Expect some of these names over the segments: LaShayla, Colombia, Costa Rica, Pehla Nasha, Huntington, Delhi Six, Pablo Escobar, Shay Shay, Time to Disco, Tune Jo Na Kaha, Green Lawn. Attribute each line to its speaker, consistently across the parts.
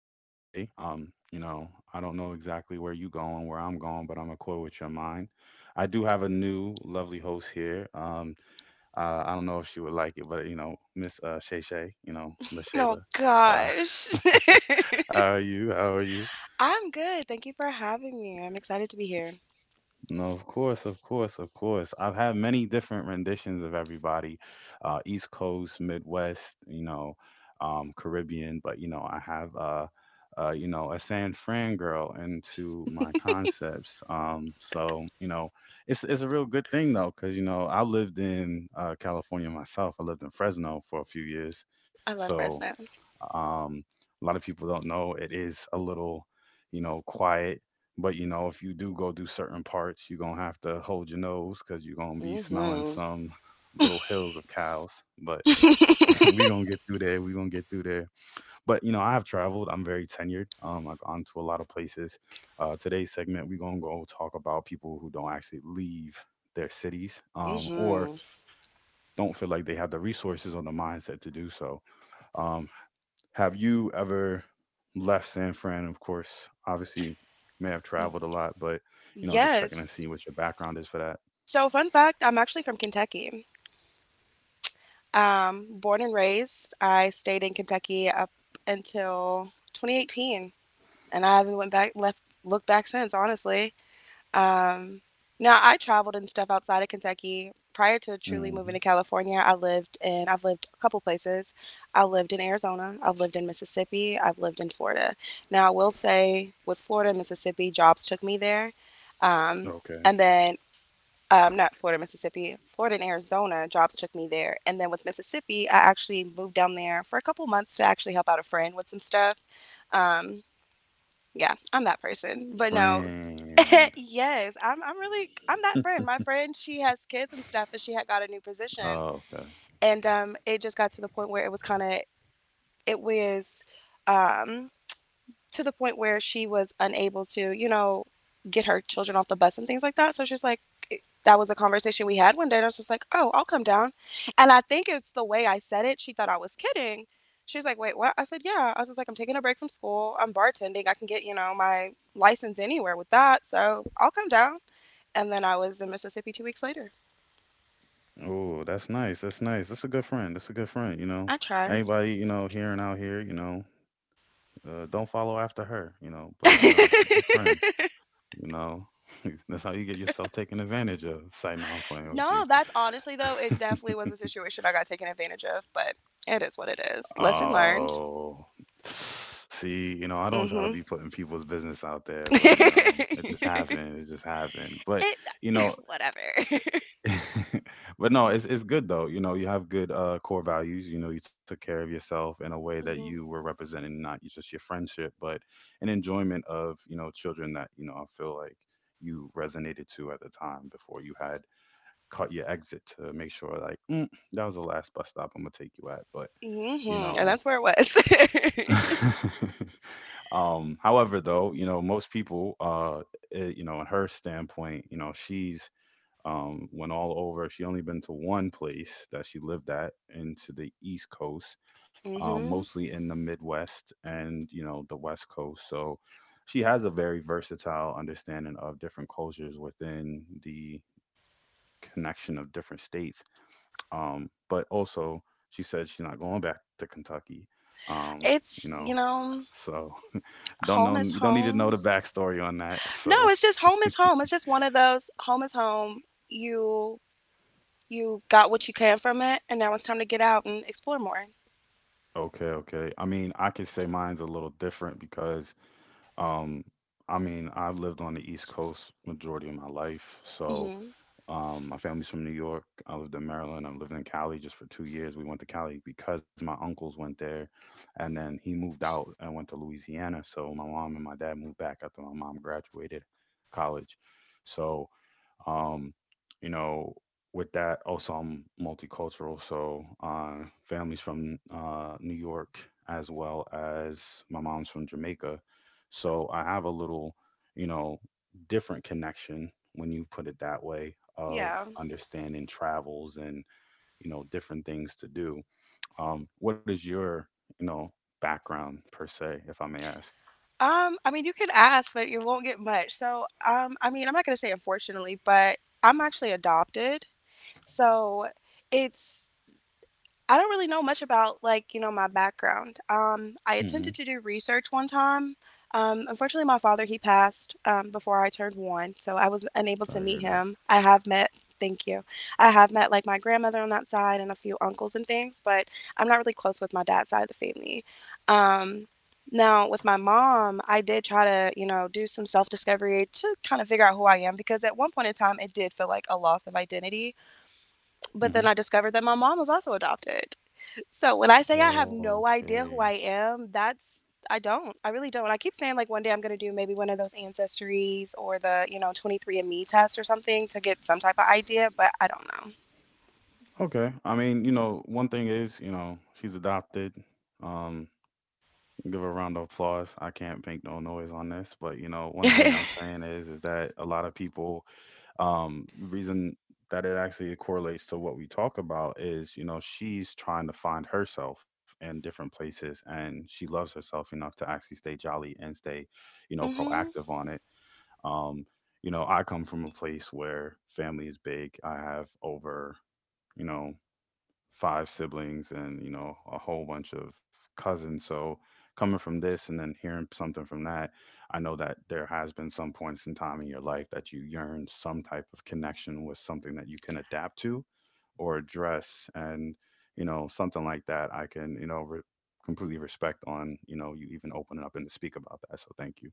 Speaker 1: You know, I don't know exactly where you going, where I'm going, but I'm gonna quit with your mind. I do have a new lovely host here. I don't know if she would like it, but you know, Miss Shay Shay, you know,
Speaker 2: Oh
Speaker 1: LaShayla. Uh,
Speaker 2: gosh.
Speaker 1: how are you? How are you?
Speaker 2: I'm good. Thank you for having me. I'm excited to be here.
Speaker 1: No, of course, of course, of course. I've had many different renditions of everybody, East Coast, Midwest, you know, Caribbean. But you know, I have you know, a San Fran girl into my concepts. So you know, it's a real good thing though, because you know, I lived in California myself. I lived in Fresno for a few years,
Speaker 2: I love
Speaker 1: so
Speaker 2: Fresno.
Speaker 1: um, a lot of people don't know it is a little, you know, quiet. But you know, if you do go do certain parts, you're gonna have to hold your nose because you're gonna be smelling
Speaker 2: Mhm.
Speaker 1: some little hills of cows. But we're gonna get through there. We're gonna get through there. But you know, I've traveled. I'm very tenured. I've gone to a lot of places. Today's segment, we're gonna go talk about people who don't actually leave their cities
Speaker 2: Mhm.
Speaker 1: or don't feel like they have the resources or the mindset to do so. Um, have you ever left San Fran? Of course, obviously, you may have traveled a lot, but you know, just checking to
Speaker 2: Yes.
Speaker 1: see what your background is for that.
Speaker 2: So fun fact, I'm actually from Kentucky. Born and raised. I stayed in Kentucky up until 2018, and I haven't went back left looked back since, honestly. Um, Now I traveled and stuff outside of Kentucky. Prior to truly moving to
Speaker 1: hmm
Speaker 2: California, I've lived a couple places. I lived in Arizona, I've lived in Mississippi, I've lived in Florida. Now I will say with Florida and Mississippi, jobs took me there. Um,
Speaker 1: Okay,
Speaker 2: and then not Florida, Mississippi, Florida and Arizona, jobs took me there. And then with Mississippi, I actually moved down there for a couple months to actually help out a friend with some stuff. Um, yeah, I'm that person. But no,
Speaker 1: friend.
Speaker 2: yes, I'm really I'm that friend. My friend, she has kids and stuff, and she had got a new position,
Speaker 1: Oh, okay.
Speaker 2: and it just got to the point where it was um to the point where she was unable to, you know, get her children off the bus and things like that. So she's like, that was a conversation we had one day, and I was just like, "Oh, I'll come down." And I think it's the way I said it. She thought I was kidding. She's like, "Wait, what?" I said, "Yeah." I was just like, "I'm taking a break from school. I'm bartending. I can get, you know, my license anywhere with that. So, I'll come down." And then I was in Mississippi 2 weeks later.
Speaker 1: Oh, that's nice. That's nice. That's a good friend. That's a good friend. You know,
Speaker 2: I tried.
Speaker 1: anybody you know here and out here, you know, don't follow after her. You know, but you know, it's a good friend. You know, that's how you get yourself taken advantage of. Say, no, I'm playing with
Speaker 2: No, that's honestly though, it definitely
Speaker 1: you.
Speaker 2: was a situation I got taken advantage of, but it is what it is. Lesson learned.
Speaker 1: Oh, see, you know, I don't try to
Speaker 2: Mm-hmm.
Speaker 1: be putting people's business out there, but you know, it just happened. It just happened. But
Speaker 2: it
Speaker 1: you know,
Speaker 2: Whatever.
Speaker 1: but no, it's good though. You know, you have good core values. You know, you took care of yourself in a way that you
Speaker 2: Mm-hmm.
Speaker 1: were representing not just your friendship, but an enjoyment of you know children that you know I feel like you resonated to at the time before you had cut your exit to make sure like mm, that was the last bus stop I'm gonna take you at, but you
Speaker 2: Mm-hmm. And
Speaker 1: know.
Speaker 2: that's where it was.
Speaker 1: However, though, you know, most people, you know, in her standpoint, you know, she's went all over. She only been to one place that she lived at into the East Coast,
Speaker 2: Mm-hmm.
Speaker 1: mostly in the Midwest and you know the West Coast. So she has a very versatile understanding of different cultures within the connection of different states. But also, she said she's not going back to Kentucky. Um, you
Speaker 2: It's,
Speaker 1: know,
Speaker 2: you know,
Speaker 1: so don't know.
Speaker 2: Home is
Speaker 1: You don't need to know
Speaker 2: home.
Speaker 1: the backstory on that.
Speaker 2: No,
Speaker 1: So
Speaker 2: it's just home is home. It's just one of those home is home. You you got what you can from it, and now it's time to get out and explore more.
Speaker 1: okay, okay. I mean, I could say mine's a little different because, um, I mean, I've lived on the East Coast majority of my life. So,
Speaker 2: Mm-hmm.
Speaker 1: my family's from New York. I lived in Maryland. I lived in Cali just for 2 years. We went to Cali because my uncles went there, and then he moved out and went to Louisiana. So my mom and my dad moved back after my mom graduated college. So, Um, you know, with that, also I'm multicultural, so families from New York as well as my mom's from Jamaica. So I have a little, you know, different connection when you put it that way of
Speaker 2: Yeah.
Speaker 1: understanding travels and you know different things to do. What is your, you know, background per se, if I may ask?
Speaker 2: I mean, you can ask, but you won't get much. So, I mean, I'm not gonna say unfortunately, but I'm actually adopted. So it's I don't really know much about, like, you know, my background. I
Speaker 1: hmm
Speaker 2: attempted to do research one time. Unfortunately, my father, he passed before I turned one, so I was unable to
Speaker 1: Sorry to
Speaker 2: meet
Speaker 1: hear that.
Speaker 2: him. Thank you. I have met, like, my grandmother on that side and a few uncles and things, but I'm not really close with my dad's side of the family. Um, Now, with my mom, I did try to, you know, do some self discovery to kind of figure out who I am, because at one point in time, it did feel like a loss of identity. But then
Speaker 1: hmm
Speaker 2: I discovered that my mom was also adopted. So when I say I have no idea
Speaker 1: Okay.
Speaker 2: who I am, that's I don't. I really don't. I keep saying, like, one day I'm gonna do maybe one of those ancestries or the 23andMe test or something to get some type of idea, but I don't know.
Speaker 1: Okay. I mean, you know, one thing is, you know, she's adopted. Um, give her a round of applause. I can't make no noise on this, but you know, one thing I'm saying is that a lot of people, the reason that it actually correlates to what we talk about is, you know, she's trying to find herself in different places, and she loves herself enough to actually stay jolly and stay, you know,
Speaker 2: Hmm.
Speaker 1: proactive on it. Um, you know, I come from a place where family is big. I have over, you know, five siblings and you know a whole bunch of cousins, so coming from this and then hearing something from that, I know that there has been some points in time in your life that you yearn some type of connection with something that you can adapt to or address, and you know something like that, I can you know completely respect on you know you even opening up and to speak about that, so thank you.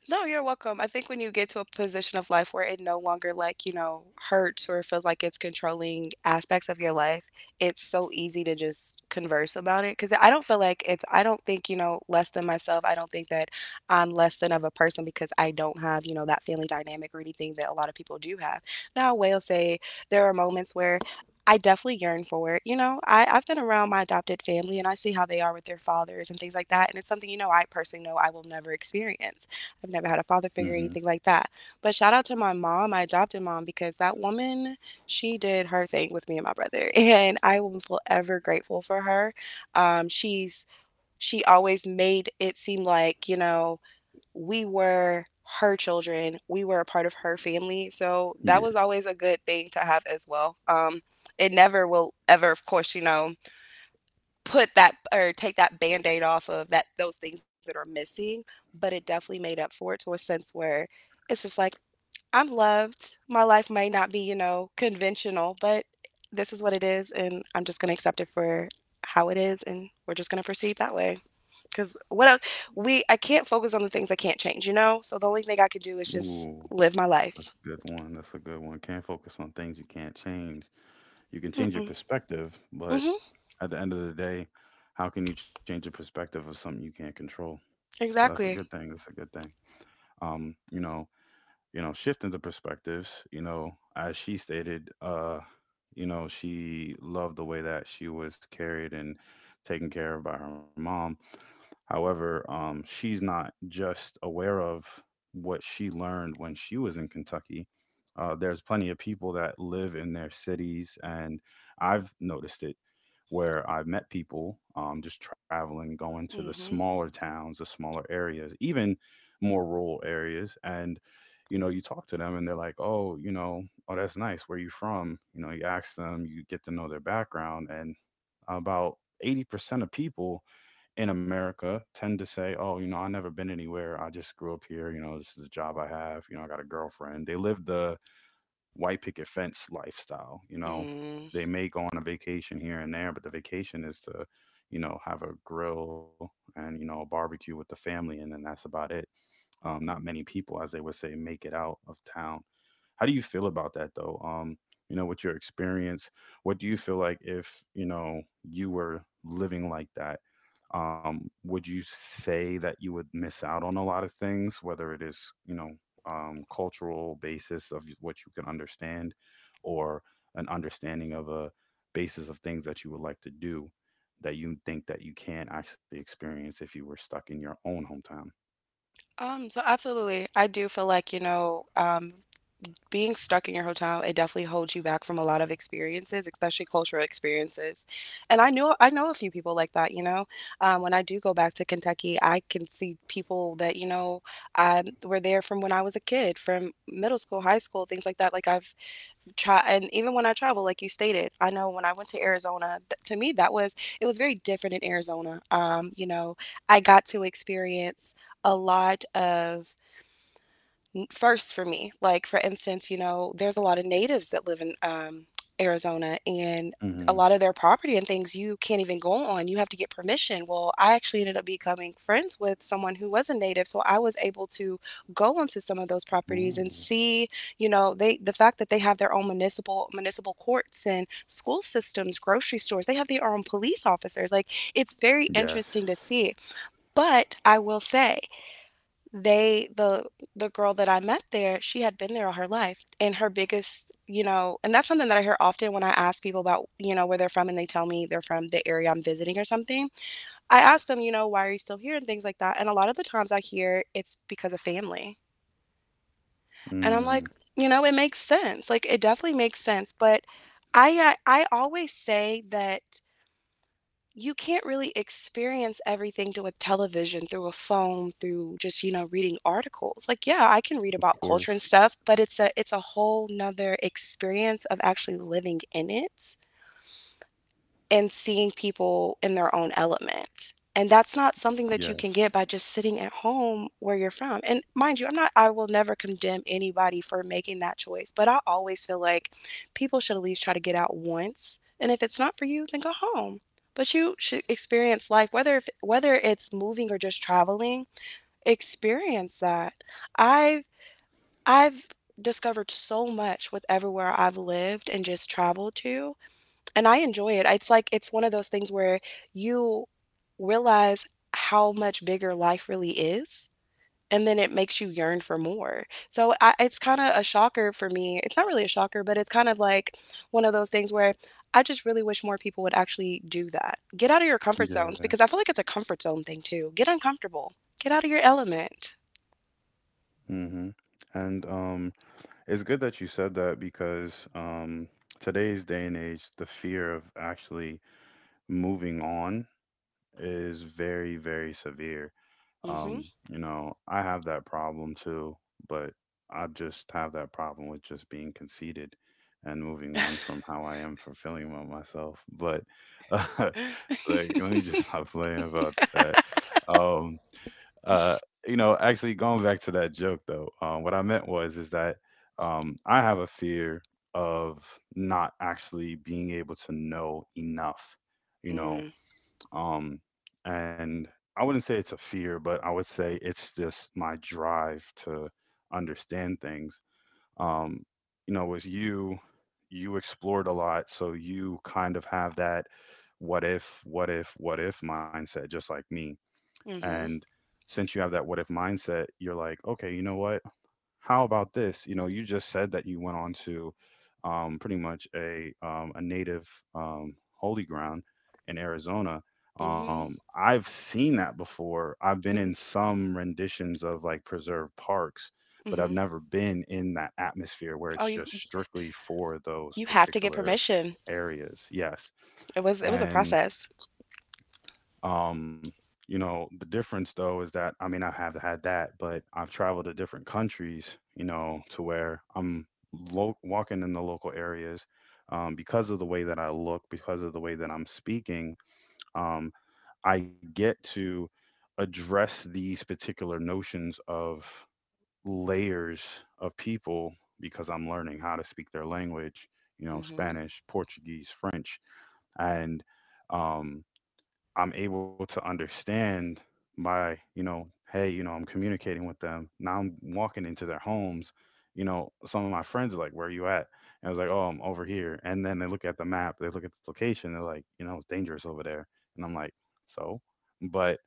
Speaker 2: No, you're welcome. I think when you get to a position of life where it no longer hurts or feels like it's controlling aspects of your life, it's so easy to just converse about it. Cause I don't feel like I don't think, less than myself. I don't think that I'm less than of a person because I don't have that family dynamic or anything that a lot of people do have. Now, I will say there are moments where I definitely yearn for it. You know, I've been around my adopted family, and I see how they are with their fathers and things like that. And it's something I personally know I will never experience. I've never had a father figure or
Speaker 1: hmm
Speaker 2: anything like that. But shout out to my mom, my adopted mom, because that woman, she did her thing with me and my brother, and I am forever grateful for her. Um, she's she always made it seem like, we were her children, we were a part of her family, so that was
Speaker 1: yeah
Speaker 2: always a good thing to have as well. It never will ever, of course, put that or take that band-aid off of that, those things that are missing, but it definitely made up for it to a sense where it's just like, I'm loved. My life may not be, you know, conventional, but this is what it is, and I'm just going to accept it for how it is, and we're just going to proceed that way. Cuz what else we I can't focus on the things I can't change, you know? So the only thing I could do is just
Speaker 1: Ooh,
Speaker 2: live my
Speaker 1: that's
Speaker 2: life.
Speaker 1: a good one, that's a good one. Can't focus on things you can't change. You can change your
Speaker 2: Mm-mm.
Speaker 1: perspective, but
Speaker 2: Mhm.
Speaker 1: at the end of the day, how can you change the perspective of something you can't control? So that's a good
Speaker 2: Exactly.
Speaker 1: thing. That's a good thing. Um, you know, you know, shifting the perspectives. You know, as she stated, you know, she loved the way that she was carried and taken care of by her mom. However, she's not just aware of what she learned when she was in Kentucky. There's plenty of people that live in their cities, and I've noticed it where I've met people just traveling, going to the
Speaker 2: Mhm.
Speaker 1: smaller towns, the smaller areas, even more rural areas. And, you know, you talk to them and they're like, oh, you know, oh, that's nice. Where you from? You know, you ask them, you get to know their background. And about 80% of people in America tend to say, "Oh, you know, I never been anywhere. I just grew up here. You know, this is a job I have. You know, I got a girlfriend." They live the white picket fence lifestyle. You know,
Speaker 2: Mm.
Speaker 1: they may go on a vacation here and there, but the vacation is to, you know, have a grill and you know a barbecue with the family, and then that's about it. Not many people, as they would say, make it out of town. How do you feel about that though? You know, with your experience, what do you feel like if, you know, you were living like that? Would you say that you would miss out on a lot of things, whether it is, you know, cultural basis of what you can understand or an understanding of a basis of things that you would like to do that you think that you can't actually experience if you were stuck in your own hometown?
Speaker 2: So absolutely. I do feel like, being stuck in your hotel, it definitely holds you back from a lot of experiences, especially cultural experiences. And I know a few people like that. When I do go back to Kentucky, I can see people that were there from when I was a kid, from middle school, high school, things like that. Like I've tried, and even when I travel, like you stated, I know when I went to Arizona, to me, it was very different in Arizona. I got to experience a lot of first for me. Like, for instance, there's a lot of natives that live in Arizona, and a
Speaker 1: Mm-hmm.
Speaker 2: lot of their property and things you can't even go on. You have to get permission. Well, I actually ended up becoming friends with someone who was a native, so I was able to go onto some of those properties and
Speaker 1: Ooh.
Speaker 2: see, the fact that they have their own municipal courts and school systems, grocery stores, they have their own police officers. Like, it's very
Speaker 1: Yes.
Speaker 2: interesting to see. But I will say, they the the girl that I met there, she had been there all her life. And her biggest, you know, and that's something that I hear often when I ask people about, where they're from and they tell me they're from the area I'm visiting or something. I ask them, you know, why are you still here and things like that. And a lot of the times I hear it's because of family. And I'm
Speaker 1: Mm,
Speaker 2: like, it makes sense. Like it definitely makes sense, but I always say that you can't really experience everything through a television, through a phone, through just reading articles. Like, yeah, I can
Speaker 1: of
Speaker 2: read about culture
Speaker 1: course.
Speaker 2: and stuff, but it's a whole nother experience of actually living in it and seeing people in their own element. And that's not something that you
Speaker 1: Yes.
Speaker 2: can get by just sitting at home where you're from. And mind you, I will never condemn anybody for making that choice, but I always feel like people should at least try to get out once. And if it's not for you, then go home. But you should experience life, whether if, whether it's moving or just traveling. Experience that. I've I've discovered so much with everywhere I've lived and just traveled to, and I enjoy it. It's like it's one of those things where you realize how much bigger life really is, and then it makes you yearn for more. So I, it's kind of a shocker for me. It's not really a shocker, but it's kind of like one of those things where I just really wish more people would actually do that. Get out of your comfort
Speaker 1: Yeah.
Speaker 2: zones, because I feel like it's a comfort zone thing too. Get uncomfortable. Get out of your element.
Speaker 1: Mm-hmm. And it's good that you said that because today's day and age, the fear of actually moving on is very, very severe.
Speaker 2: Mm-hmm.
Speaker 1: Um, you know, I have that problem too, but I just have that problem with just being conceited and moving on from how I am for feeling about myself. But uh, it's like, let me just stop playing about that. Um. Uh, you know, actually going back to that joke though, what I meant was is that I have a fear of not actually being able to know enough, you know,
Speaker 2: Mm,
Speaker 1: um, and I wouldn't say it's a fear, but I would say it's just my drive to understand things. Um, you know, with you, you explored a lot, so you kind of have that what if, what if, what if mindset, just like me,
Speaker 2: hmm. Mm.
Speaker 1: and since you have that what if mindset, you're like, okay, you know what? How about this? You know, you just said that you went on to pretty much a native holy ground in Arizona.
Speaker 2: Hmm. Hmm.
Speaker 1: I've seen that before. I've been
Speaker 2: It
Speaker 1: in
Speaker 2: was.
Speaker 1: some renditions of like preserved parks, but I've
Speaker 2: Hmm.
Speaker 1: never been in that atmosphere where
Speaker 2: Oh,
Speaker 1: it's
Speaker 2: you
Speaker 1: just strictly for those
Speaker 2: you have to get
Speaker 1: particular
Speaker 2: permission.
Speaker 1: areas. Yes,
Speaker 2: It was a
Speaker 1: and
Speaker 2: process.
Speaker 1: um, you know, the difference though is that I mean I have had that, but I've traveled to different countries, you know, to where I'm walking in the local areas because of the way that I look, because of the way that I'm speaking. Um, I get to address these particular notions of layers of people because I'm learning how to speak their language, you know,
Speaker 2: Mm-hmm.
Speaker 1: Spanish, Portuguese, French, and um, I'm able to understand by, you know, hey, you know, I'm communicating with them. Now I'm walking into their homes. You know, some of my friends are like, where are you at? And I was like, oh, I'm over here. And then they look at the map, they look at the location, they're like, you know, it's dangerous over there. And I'm like, so? But,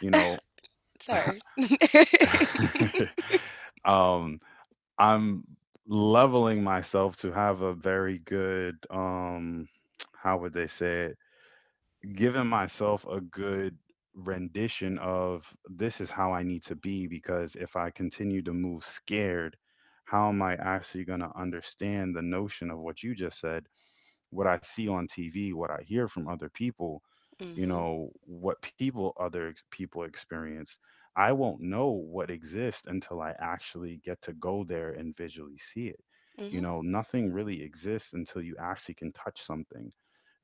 Speaker 1: you know,
Speaker 2: Sorry. Mm-hmm.
Speaker 1: um, I'm leveling myself to have a very good, how would they say it? Given myself a good rendition of this is how I need to be, because if I continue to move scared, how am I actually going to understand the notion of what you just said, what I see on TV, what I hear from other people, you know, what people people experience. I won't know what exists until I actually get to go there and visually see it. You
Speaker 2: Mm-hmm.
Speaker 1: know, nothing really exists until you actually can touch something.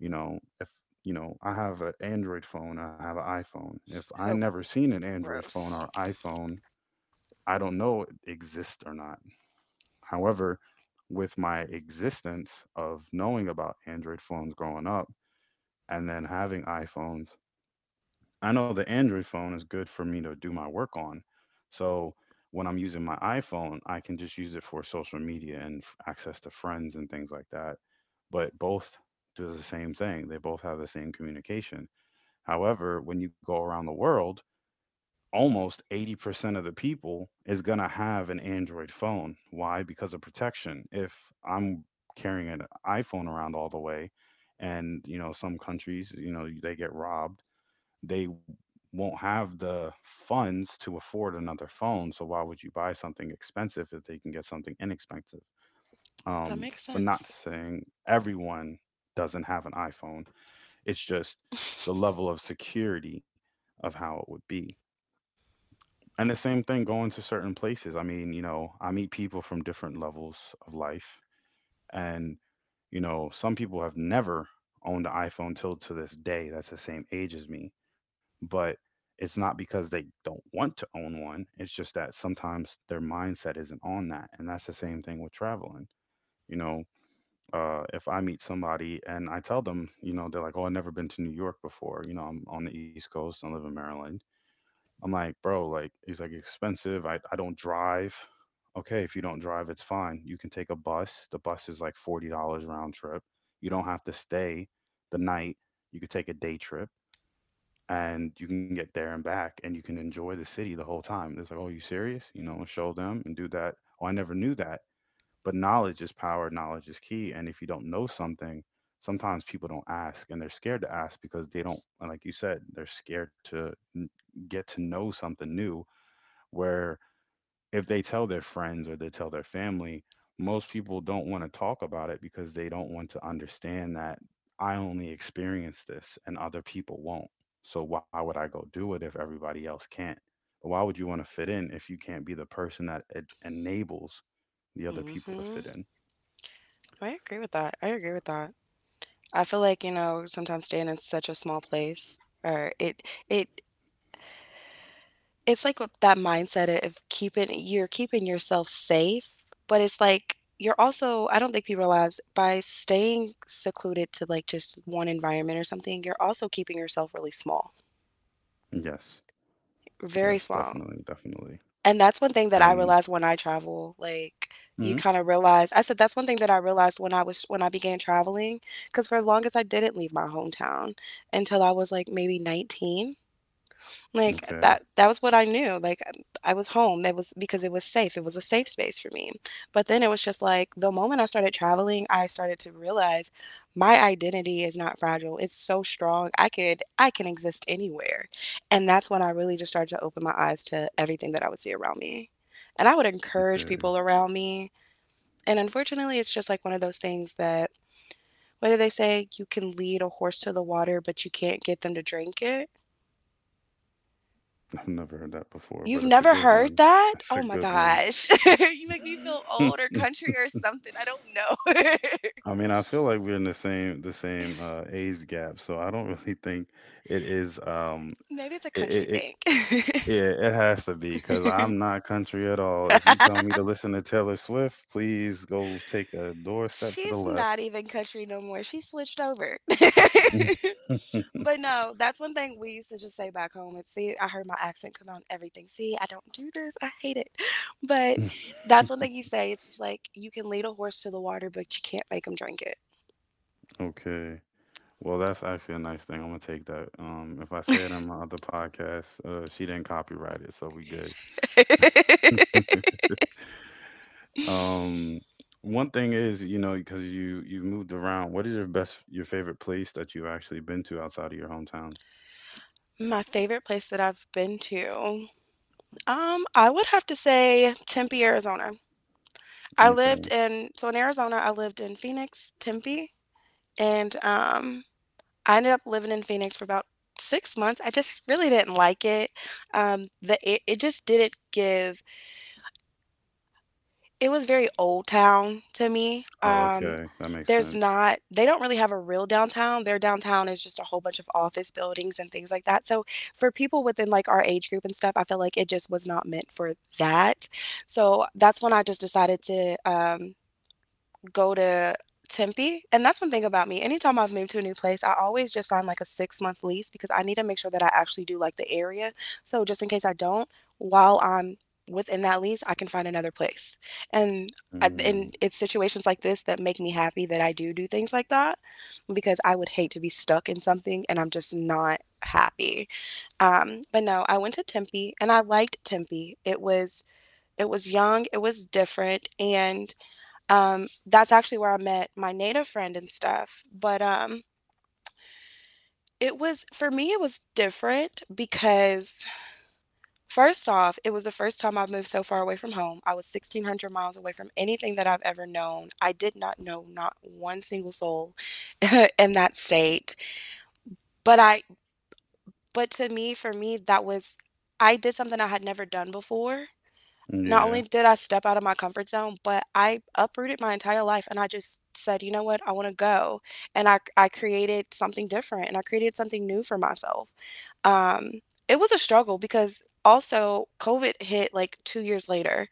Speaker 1: You know, if you know, I have an Android phone, I have an iPhone. If I
Speaker 2: Oh,
Speaker 1: never seen an Android phone or
Speaker 2: gross.
Speaker 1: iPhone, I don't know it exists or not. However, with my existence of knowing about Android phones growing up and then having iPhones, I know the Android phone is good for me to do my work on. So when I'm using my iPhone, I can just use it for social media and access to friends and things like that. But both do the same thing, they both have the same communication. However, when you go around the world, almost 80% of the people is going to have an Android phone. Why? Because of protection. If I'm carrying an iPhone around all the way and, you know, some countries, you know, they get robbed, they won't have the funds to afford another phone. So why would you buy something expensive if they can get something inexpensive?
Speaker 2: That
Speaker 1: Um,
Speaker 2: makes
Speaker 1: but not
Speaker 2: sense.
Speaker 1: saying everyone doesn't have an iPhone. It's just the level of security of how it would be. And the same thing going to certain places. I mean, you know, I meet people from different levels of life. And, you know, some people have never owned an iPhone till to this day. That's the same age as me. But it's not because they don't want to own one. It's just that sometimes their mindset isn't on that. And that's the same thing with traveling. You know, if I meet somebody and I tell them, you know, they're like, oh, I've never been to New York before. You know, I'm on the East Coast. I live in Maryland. I'm like, bro, like he's like expensive. I don't drive. Okay, if you don't drive, it's fine. You can take a bus. The bus is like $40 round trip. You don't have to stay the night. You could take a day trip and you can get there and back and you can enjoy the city the whole time. It's like, oh, you serious? You know, show them and do that. Oh, I never knew that. But knowledge is power, knowledge is key. And if you don't know something, sometimes people don't ask and they're scared to ask because they don't, like you said, they're scared to get to know something new, where if they tell their friends or they tell their family, most people don't want to talk about it because they don't want to understand that I only experience this and other people won't. So why would I go do it if everybody else can't? But why would you want to fit in if you can't be the person that it enables the other people to
Speaker 2: Mm-hmm.
Speaker 1: fit in?
Speaker 2: I agree with that. I agree with that. I feel like, you know, sometimes staying in such a small place, or it it's like with that mindset of keeping you're keeping yourself safe, but it's like you're also I don't think people realize by staying secluded to like just one environment or something, you're also keeping yourself really small.
Speaker 1: Yes, yes,
Speaker 2: Very small.
Speaker 1: definitely, definitely.
Speaker 2: And that's one thing that I
Speaker 1: And
Speaker 2: realized when I travel. Like
Speaker 1: mhm.
Speaker 2: you kind of realize, I said that's one thing that I realized when I was when I began traveling, because for the longest I didn't leave my hometown until I was like maybe 19. Like
Speaker 1: Okay,
Speaker 2: that was what I knew. Like I was home. That was because it was safe. It was a safe space for me. But then it was just like the moment I started traveling, I started to realize my identity is not fragile. It's so strong. I can exist anywhere. And that's when I really just started to open my eyes to everything that I would see around me. And I would encourage
Speaker 1: okay.
Speaker 2: people around me. And unfortunately, it's just like one of those things that, what do they say? You can lead a horse to the water, but you can't get them to drink it.
Speaker 1: I've never heard that before,
Speaker 2: You've
Speaker 1: but it's a
Speaker 2: never
Speaker 1: good
Speaker 2: heard
Speaker 1: one.
Speaker 2: that?
Speaker 1: It's a
Speaker 2: Oh my
Speaker 1: good one.
Speaker 2: gosh. You make me feel old or country or something. I don't know.
Speaker 1: I mean, I feel like we're in the same age gap, so I don't really think it is.
Speaker 2: Maybe it's a
Speaker 1: It,
Speaker 2: country
Speaker 1: it, it
Speaker 2: thing.
Speaker 1: yeah, it has to be because I'm not country at all. If you tell me to listen to Taylor Swift, please go take a doorstep to the
Speaker 2: She's
Speaker 1: left.
Speaker 2: not even country no more. She switched over. But no, that's one thing we used to just say back home. And see, I heard my accent come out and everything. See, I don't do this. I hate it. But that's one thing you say. It's just like you can lead a horse to the water, but you can't make him drink it.
Speaker 1: Okay. Well, that's actually a nice thing. I'm gonna take that. If I say it in my other podcast, she didn't copyright it, so we good. Um, One thing is, you know, because you've moved around. What is your best, your favorite place that you've actually been to outside of your hometown?
Speaker 2: My favorite place that I've been to. I would have to say Tempe, Arizona. I lived
Speaker 1: Okay.
Speaker 2: in, so in Arizona, I lived in Phoenix, Tempe, and I ended up living in Phoenix for about 6 months. I just really didn't like it. The It just didn't give. It was very old town to me.
Speaker 1: Oh, okay, that makes
Speaker 2: There's
Speaker 1: sense.
Speaker 2: not, they don't really have a real downtown. Their downtown is just a whole bunch of office buildings and things like that. So for people within like our age group and stuff, I feel like it just was not meant for that. So that's when I just decided to go to Tempe. And that's one thing about me. Anytime I've moved to a new place, I always just sign like a 6 month lease because I need to make sure that I actually do like the area. So just in case I don't, while I'm within that lease, I can find another place. And
Speaker 1: Mm,
Speaker 2: and it's situations like this that make me happy that I do do things like that because I would hate to be stuck in something and I'm just not happy. But no, I went to Tempe and I liked Tempe. It was young, it was different, and that's actually where I met my native friend and stuff. But it was, for me, it was different because, first off, it was the first time I've moved so far away from home. I was 1,600 miles away from anything that I've ever known. I did not know not one single soul in that state. But I, but to me, for me, that was, I did something I had never done before. Not
Speaker 1: yeah.
Speaker 2: only did I step out of my comfort zone, but I uprooted my entire life and I just said, you know what, I want to go. And I created something different and I created something new for myself. Um, it was a struggle because also COVID hit like 2 years later.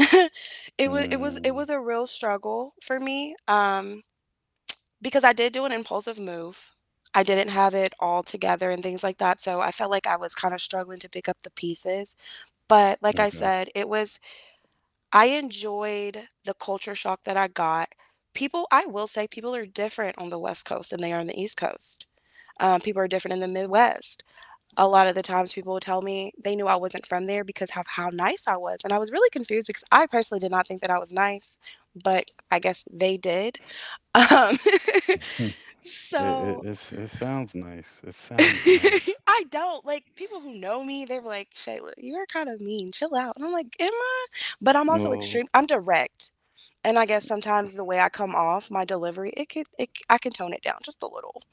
Speaker 2: it was it was it
Speaker 1: Mm,
Speaker 2: was a real struggle for me, because I did do an impulsive move. I didn't have it all together and things like that. So I felt like I was kind of struggling to pick up the pieces. But like I
Speaker 1: okay.
Speaker 2: said, it was, I enjoyed the culture shock that I got. People, I will say, people are different on the West Coast than they are on the East Coast. People are different in the Midwest. A lot of the times, people would tell me they knew I wasn't from there because of how nice I was. And I was really confused because I personally did not think that I was nice, but I guess they did. Um,
Speaker 1: It, it
Speaker 2: so
Speaker 1: it's it sounds nice. It sounds nice.
Speaker 2: I don't like people who know me. They're like, Shayla, you are kind of mean. Chill out. And I'm like, am I? But I'm also
Speaker 1: Well,
Speaker 2: extreme. I'm direct. And I guess sometimes the way I come off, my delivery, I can tone it down just a little.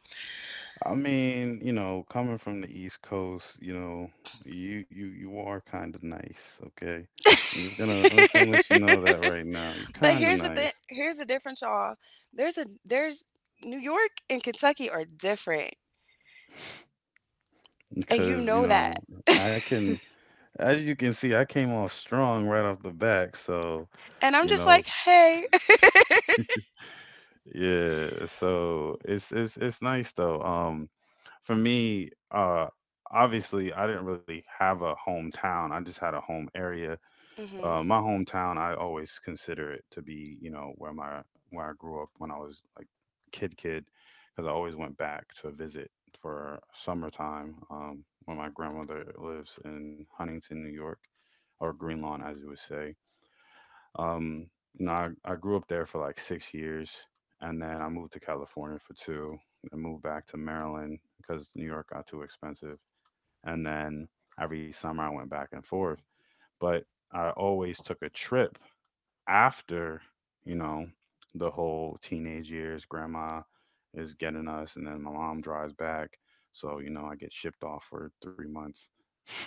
Speaker 1: I mean, you know, coming from the East Coast, you know, you are kind of nice, okay? I'm just gonna let you know that right now. You're
Speaker 2: But
Speaker 1: kind of
Speaker 2: here's the thing,
Speaker 1: nice.
Speaker 2: here's the difference, y'all. There's New York and Kentucky are different, and you
Speaker 1: Because, you
Speaker 2: know that.
Speaker 1: know, I can, as you can see, I came off strong right off the back. So,
Speaker 2: And I'm
Speaker 1: you
Speaker 2: just
Speaker 1: know,
Speaker 2: like, hey.
Speaker 1: yeah. So it's nice though. For me, obviously, I didn't really have a hometown. I just had a home area.
Speaker 2: Hmm.
Speaker 1: My hometown, I always consider it to be, you know, where I grew up when I was like kid, because I always went back to visit for summertime when my grandmother lives in Huntington, New York, or Green Lawn, as you would say. Um, you know, I grew up there for like 6 years, and then I moved to California for two, and moved back to Maryland because New York got too expensive, and then every summer I went back and forth, but I always took a trip after, you know, the whole teenage years grandma is getting us and then my mom drives back, so you know I get shipped off for 3 months.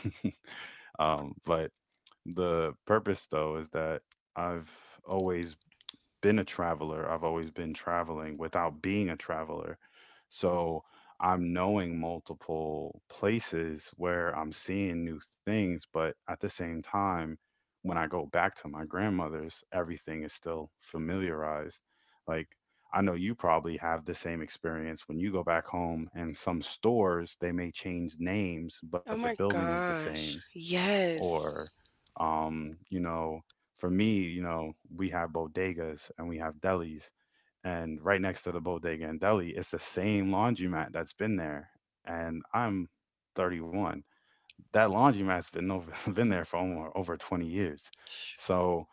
Speaker 1: But the purpose though is that I've always been a traveler. I've always been traveling without being a traveler. So I'm knowing multiple places where I'm seeing new things, but at the same time, when I go back to my grandmother's, everything is still familiarized. Like, I know you probably have the same experience when you go back home and some stores, they may change names, but the
Speaker 2: Oh my
Speaker 1: building is the same.
Speaker 2: gosh. Yes.
Speaker 1: Or you know, for me, you know, we have bodegas and we have delis, and right next to the bodega and deli, it's the same laundromat that's been there, and I'm 31. That laundromat's been over been there for over 20 years, so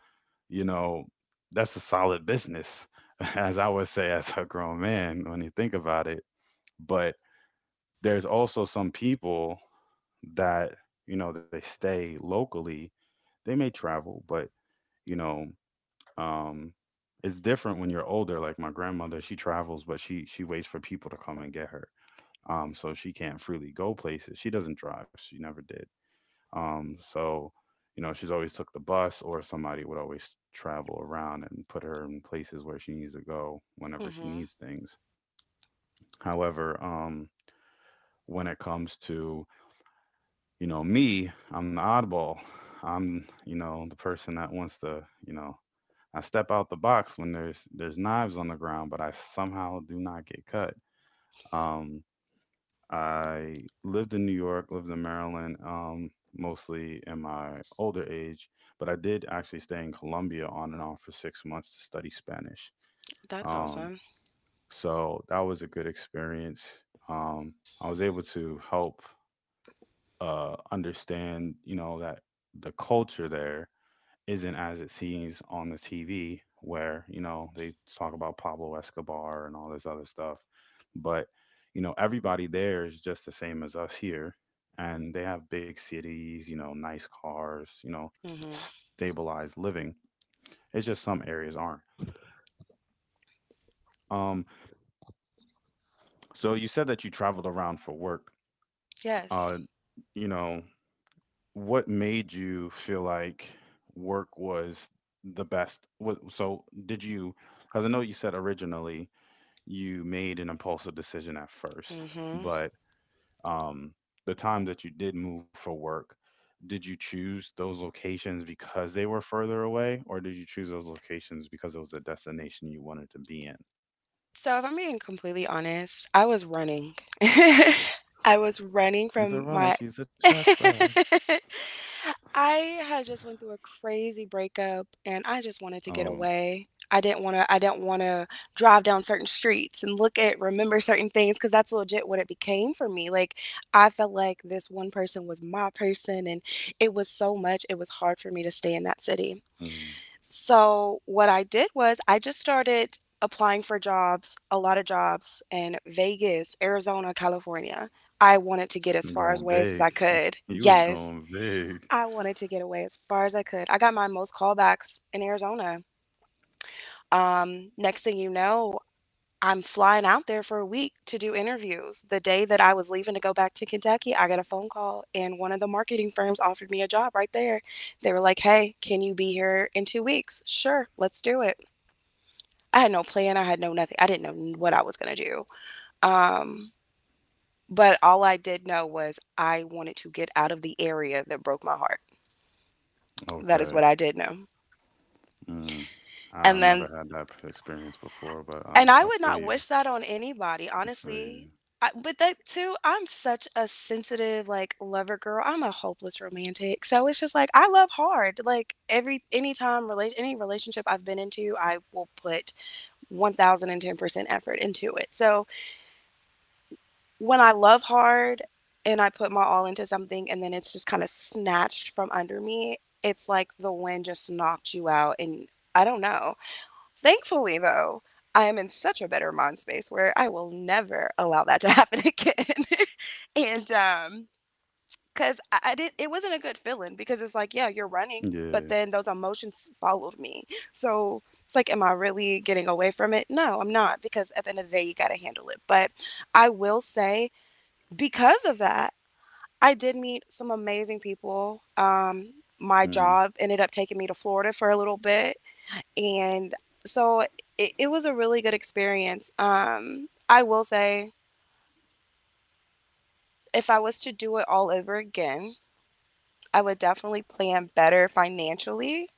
Speaker 1: you know, that's a solid business, as I would say, as a grown man when you think about it. But there's also some people that, you know, they stay locally, they may travel, but you know, um, it's different when you're older. Like my grandmother, she travels, but she waits for people to come and get her. So she can't freely go places. She doesn't drive. She never did. So you know, she's always took the bus, or somebody would always travel around and put her in places where she needs to go whenever
Speaker 2: mm
Speaker 1: she
Speaker 2: hmm
Speaker 1: needs things. However, when it comes to, you know, me, I'm the oddball. I'm, you know, the person that wants to, you know, I step out the box when there's knives on the ground, but I somehow do not get cut. Um, I lived in New York, lived in Maryland, mostly in my older age, but I did actually stay in Colombia on and off for 6 months to study Spanish.
Speaker 2: That's
Speaker 1: Um,
Speaker 2: awesome.
Speaker 1: so that was a good experience. Um, I was able to help understand, you know, that the culture there isn't as it seems on the TV, where you know they talk about Pablo Escobar and all this other stuff. But you know, everybody there is just the same as us here, and they have big cities, you know, nice cars, you know,
Speaker 2: Mm hmm
Speaker 1: stabilized living. It's just some areas aren't. Um, so you said that you traveled around for work.
Speaker 2: Yes.
Speaker 1: Uh, you know, what made you feel like work was the best? What, so did you? Because I know you said originally you made an impulsive decision at first,
Speaker 2: mm hmm
Speaker 1: but um, the time that you did move for work, did you choose those locations because they were further away, or did you choose those locations because it was a destination you wanted to be in?
Speaker 2: So if I'm being completely honest, I was running. I was running
Speaker 1: She's a
Speaker 2: from
Speaker 1: runner.
Speaker 2: my
Speaker 1: She's a track star.
Speaker 2: I had just went through a crazy breakup and I just wanted to get
Speaker 1: Oh,
Speaker 2: away. I didn't want to drive down certain streets and look at remember certain things cuz that's legit what it became for me. Like I felt like this one person was my person and it was hard for me to stay in that city.
Speaker 1: mm.
Speaker 2: So what I did was I just started applying for jobs, a lot of jobs in Vegas, Arizona, California. I wanted to get as far
Speaker 1: Going
Speaker 2: away as I
Speaker 1: big.
Speaker 2: could.
Speaker 1: You was going
Speaker 2: Yes,
Speaker 1: big.
Speaker 2: I wanted to get away as far as I could. I got my most callbacks in Arizona. Next thing you know, I'm flying out there for a week to do interviews. The day that I was leaving to go back to Kentucky, I got a phone call and one of the marketing firms offered me a job right there. They were like, "Hey, can you be here in 2 weeks?" Sure, let's do it. I had no plan. I had no nothing. I didn't know what I was going to do. Um, but all I did know was I wanted to get out of the area that broke my heart. That is
Speaker 1: Okay.
Speaker 2: what I did know.
Speaker 1: Mm.
Speaker 2: And
Speaker 1: I've never
Speaker 2: then,
Speaker 1: had that experience before, but I,
Speaker 2: and I
Speaker 1: I
Speaker 2: would
Speaker 1: feel
Speaker 2: not
Speaker 1: you.
Speaker 2: wish that on anybody,
Speaker 1: I
Speaker 2: honestly.
Speaker 1: feel
Speaker 2: But that too, I'm such a sensitive, like lover girl. I'm a hopeless romantic, so it's just like I love hard. Like every anytime relate any relationship I've been into, I will put 1,010% effort into it. So when I love hard and I put my all into something and then it's just kind of snatched from under me, it's like the wind just knocked you out. And I don't know. Thankfully, though, I am in such a better mind space where I will never allow that to happen again. And because I did, it wasn't a good feeling because it's like, yeah, you're running,
Speaker 1: you.
Speaker 2: but then those emotions followed me. So it's like, am I really getting away from it? No, I'm not, because at the end of the day, you got to handle it. But I will say because of that, I did meet some amazing people. My
Speaker 1: Yeah.
Speaker 2: job ended up taking me to Florida for a little bit. And so it was a really good experience. I will say, if I was to do it all over again, I would definitely plan better financially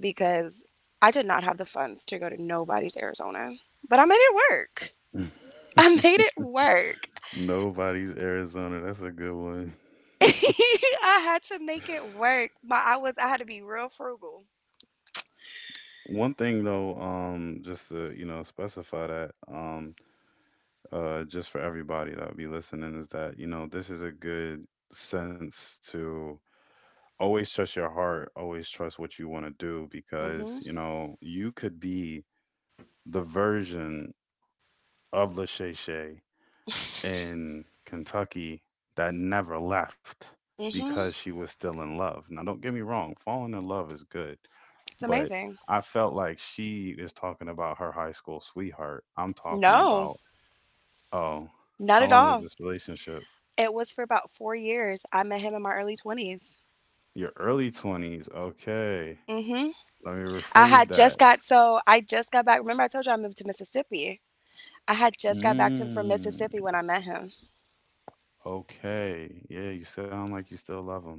Speaker 2: because I did not have the funds to go to nobody's Arizona. But I made it work.
Speaker 1: Hmm.
Speaker 2: I made it work.
Speaker 1: Nobody's Arizona. That's a good one.
Speaker 2: I had to make it work. My I was I had to be real frugal.
Speaker 1: One thing though, just to, you know, specify that, just for everybody that would be listening is that, you know, this is a good sense to always trust your heart, always trust what you want to do because,
Speaker 2: Hmm.
Speaker 1: you know, you could be the version of Lachey in Kentucky that never left because
Speaker 2: Hmm.
Speaker 1: she was still in love. Now, don't get me wrong, falling in love is good,
Speaker 2: It's
Speaker 1: but
Speaker 2: amazing.
Speaker 1: I felt like she is talking about her high school sweetheart. I'm talking
Speaker 2: No,
Speaker 1: about, oh,
Speaker 2: not
Speaker 1: how
Speaker 2: at
Speaker 1: long was
Speaker 2: all.
Speaker 1: this relationship?
Speaker 2: It was for about 4 years. I met him in my early 20s.
Speaker 1: Your early 20s. Okay.
Speaker 2: Hmm.
Speaker 1: Let me
Speaker 2: I
Speaker 1: rephrase
Speaker 2: had
Speaker 1: that.
Speaker 2: just got, so I just got back. Remember, I told you I moved to Mississippi. I had just got back to him from
Speaker 1: Mm,
Speaker 2: Mississippi when I met him.
Speaker 1: okay. Yeah, you sound like you still love him.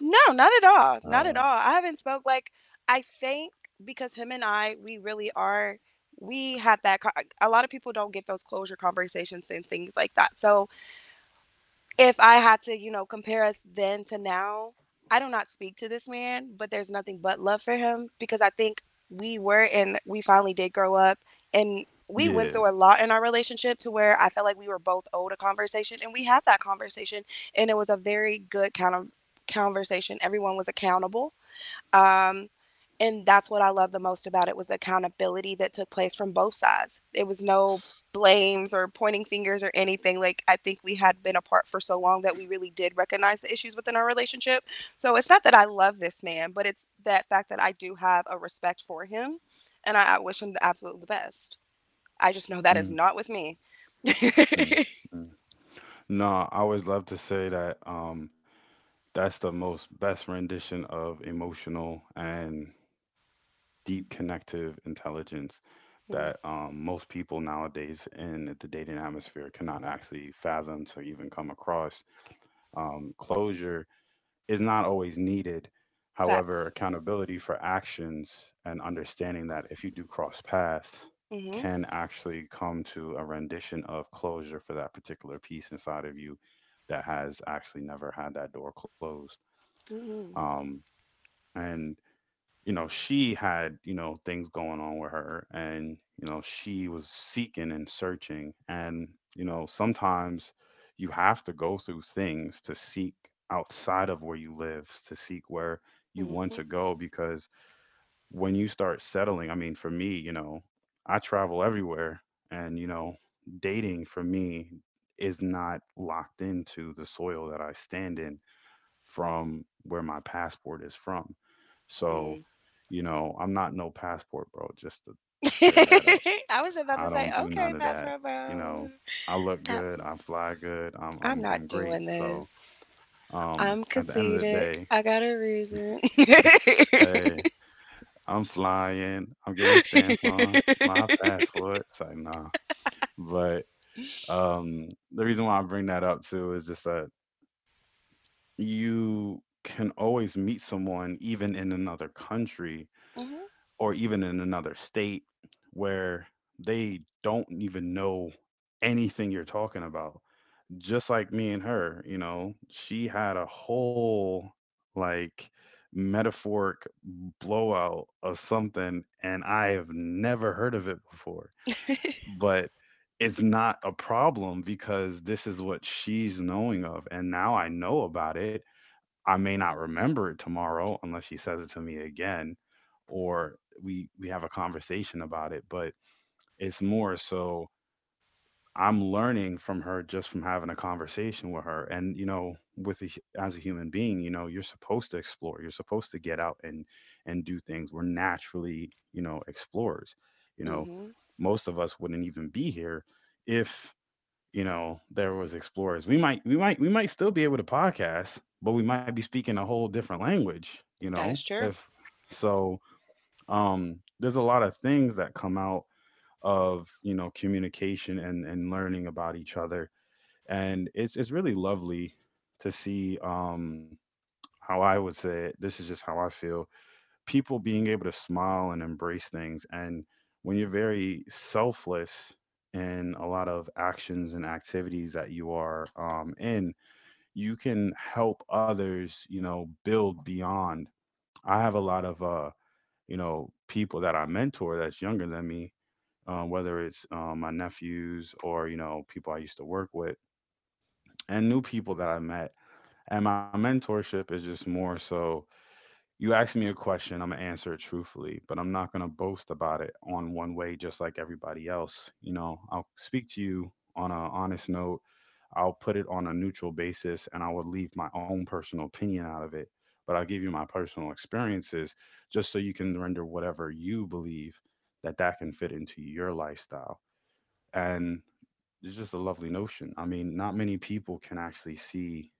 Speaker 2: No, not at all. Not at
Speaker 1: Uh,
Speaker 2: all. I haven't spoke like, I think because him and I, we really are. We had that. Co- a lot of people don't get those closure conversations and things like that. So if I had to, you know, compare us then to now, I do not speak to this man, but there's nothing but love for him because I think we were and we finally did grow up and we went
Speaker 1: yeah.
Speaker 2: through a lot in our relationship to where I felt like we were both owed a conversation and we had that conversation and it was a very good kind of conversation. Everyone was accountable, um, and that's what I love the most about it was the accountability that took place from both sides. It was no blames or pointing fingers or anything. Like I think we had been apart for so long that we really did recognize the issues within our relationship. So it's not that I love this man, but it's that fact that I do have a respect for him, and I wish him the absolute best. I just know that is
Speaker 1: Mm,
Speaker 2: not with me.
Speaker 1: mm, mm. No, I always love to say that that's the most best rendition of emotional and deep connective intelligence that
Speaker 2: Mm.
Speaker 1: most people nowadays in the dating atmosphere cannot actually fathom to even come across. Closure is not always needed. However,
Speaker 2: Facts.
Speaker 1: accountability for actions and understanding that if you do cross paths,
Speaker 2: Mm-hmm.
Speaker 1: can actually come to a rendition of closure for that particular piece inside of you that has actually never had that door closed.
Speaker 2: Mm-hmm.
Speaker 1: Um, and you know, she had, you know, things going on with her and, you know, she was seeking and searching. And, you know, sometimes you have to go through things to seek outside of where you live, to seek where you want
Speaker 2: Mm-hmm.
Speaker 1: to go. Because when you start settling, I mean, for me, you know, I travel everywhere and, you know, dating for me is not locked into the soil that I stand in from where my passport is from. So,
Speaker 2: Mm.
Speaker 1: you know, I'm not no passport, bro, just to clear that up.
Speaker 2: I was just about to
Speaker 1: I
Speaker 2: say,
Speaker 1: don't do
Speaker 2: okay,
Speaker 1: none of
Speaker 2: pass for
Speaker 1: that.
Speaker 2: a
Speaker 1: You know,
Speaker 2: bone.
Speaker 1: I look
Speaker 2: That
Speaker 1: good, I fly good, I'm
Speaker 2: I'm
Speaker 1: I'm
Speaker 2: not
Speaker 1: I'm great.
Speaker 2: doing
Speaker 1: So,
Speaker 2: this. I'm
Speaker 1: at the end of the
Speaker 2: conceited.
Speaker 1: day,
Speaker 2: I got a reason.
Speaker 1: hey, I'm flying, I'm getting stamps on my passport. It's like, nah. But The reason why I bring that up too is just that you can always meet someone even in another country
Speaker 2: Hmm,
Speaker 1: or even in another state where they don't even know anything you're talking about. Just like me and her, you know, she had a whole like metaphoric blowout of something, and I've never heard of it before. But it's not a problem because this is what she's knowing of. And now I know about it. I may not remember it tomorrow unless she says it to me again or we have a conversation about it, but it's more so I'm learning from her just from having a conversation with her. And you know, as a human being, you know, you're supposed to explore. You're supposed to get out and do things. We're naturally, you know, explorers. You know,
Speaker 2: hmm.
Speaker 1: most of us wouldn't even be here if, you know, there was explorers. We might we might still be able to podcast, but we might be speaking a whole different language, you know,
Speaker 2: That is true.
Speaker 1: if so there's a lot of things that come out of, you know, communication and learning about each other. And it's really lovely to see how I would say it. This is just how I feel, people being able to smile and embrace things. And when you're very selfless in a lot of actions and activities that you are in, you can help others, you know, build beyond. I have a lot of, you know, people that I mentor that's younger than me, whether it's my nephews or, you know, people I used to work with and new people that I met. And my mentorship is just more so, you ask me a question, I'm gonna answer it truthfully, but I'm not gonna boast about it on one way just like everybody else. You know, I'll speak to you on an honest note, I'll put it on a neutral basis, and I will leave my own personal opinion out of it. But I'll give you my personal experiences just so you can render whatever you believe that that can fit into your lifestyle. And it's just a lovely notion. I mean, not many people can actually see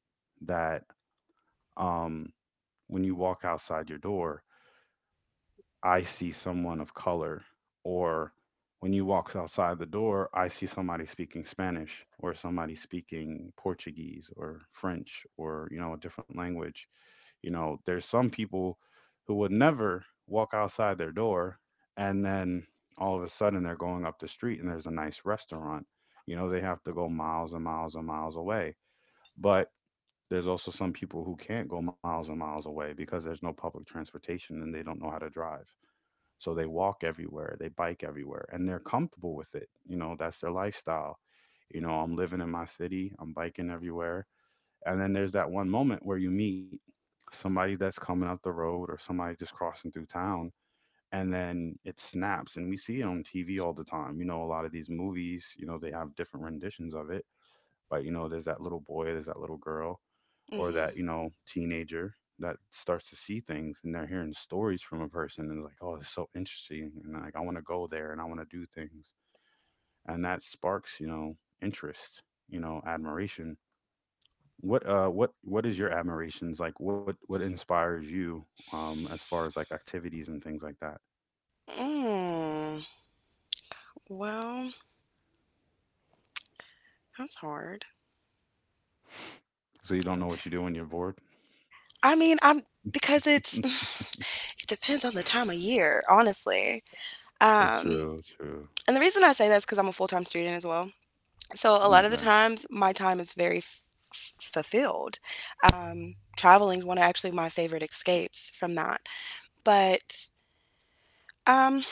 Speaker 1: that, um, when you walk outside your door, I see someone of color, or when you walk outside the door, I see somebody speaking Spanish or somebody speaking Portuguese or French or, you know, a different language. You know, there's some people who would never walk outside their door and then all of a sudden they're going up the street and there's a nice restaurant. You know, they have to go miles and miles and miles away. But there's also some people who can't go miles and miles away because there's no public transportation and they don't know how to drive. So they walk everywhere, they bike everywhere, and they're comfortable with it. You know, that's their lifestyle. You know, I'm living in my city, I'm biking everywhere. And then there's that one moment where you meet somebody that's coming up the road or somebody just crossing through town. And then it snaps, and we see it on TV all the time. You know, a lot of these movies, you know, they have different renditions of it. But, you know, there's that little boy, there's that little girl, or
Speaker 2: Hmm.
Speaker 1: that you know teenager that starts to see things and they're hearing stories from a person and like, oh, it's so interesting and like I want to go there and I want to do things. And that sparks, you know, interest, you know, admiration. What what is your admirations, like what inspires you, as far as like activities and things like that?
Speaker 2: Mm. Well, that's hard.
Speaker 1: So you don't know what you do when you're bored.
Speaker 2: I mean, I'm because it's it depends on the time of year, honestly. Um,
Speaker 1: True, true.
Speaker 2: and the reason I say that is because I'm a full time student as well. So a lot of the
Speaker 1: Okay.
Speaker 2: times, my time is very fulfilled. Traveling is one of actually my favorite escapes from that. But um,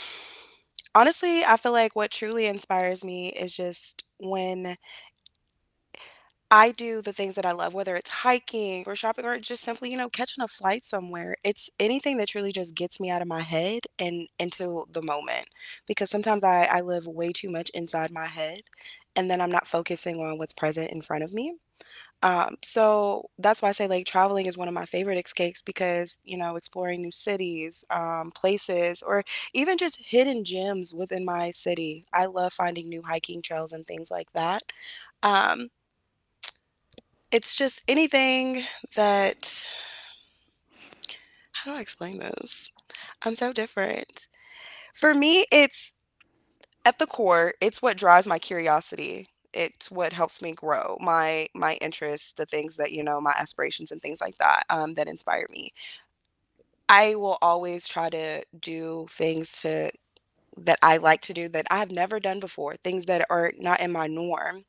Speaker 2: honestly, I feel like what truly inspires me is just when I do the things that I love, whether it's hiking or shopping or just simply, you know, catching a flight somewhere. It's anything that truly just gets me out of my head and into the moment. Because sometimes I live way too much inside my head and then I'm not focusing on what's present in front of me. So that's why I say like traveling is one of my favorite escapes because, you know, exploring new cities, places, or even just hidden gems within my city. I love finding new hiking trails and things like that. Um, it's just anything that, how do I explain this? I'm so different. For me, it's at the core, it's what drives my curiosity. It's what helps me grow my interests, the things that, you know, my aspirations and things like that, that inspire me. I will always try to do things to that I like to do that I have never done before, things that are not in my norm.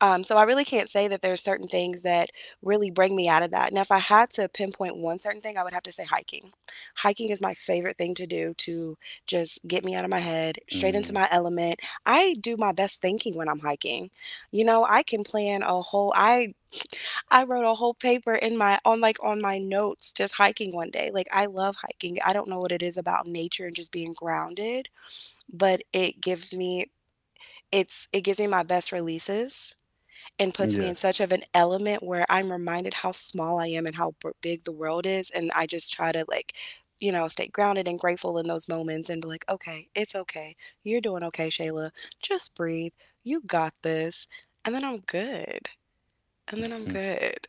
Speaker 2: So I really can't say that there are certain things that really bring me out of that. Now, if I had to pinpoint one certain thing, I would have to say hiking. Hiking is my favorite thing to do to just get me out of my head, straight into
Speaker 1: Mm,
Speaker 2: my element. I do my best thinking when I'm hiking. You know, I can plan a whole, I wrote a whole paper in my on like on my notes just hiking one day. Like I love hiking. I don't know what it is about nature and just being grounded, but it gives me my best releases and puts me in
Speaker 1: yes.
Speaker 2: such of an element where I'm reminded how small I am and how big the world is, and I just try to, like, stay grounded and grateful in those moments and be like, okay, it's okay. You're doing okay, Shayla. Just breathe. You got this. And then I'm good. And then I'm good.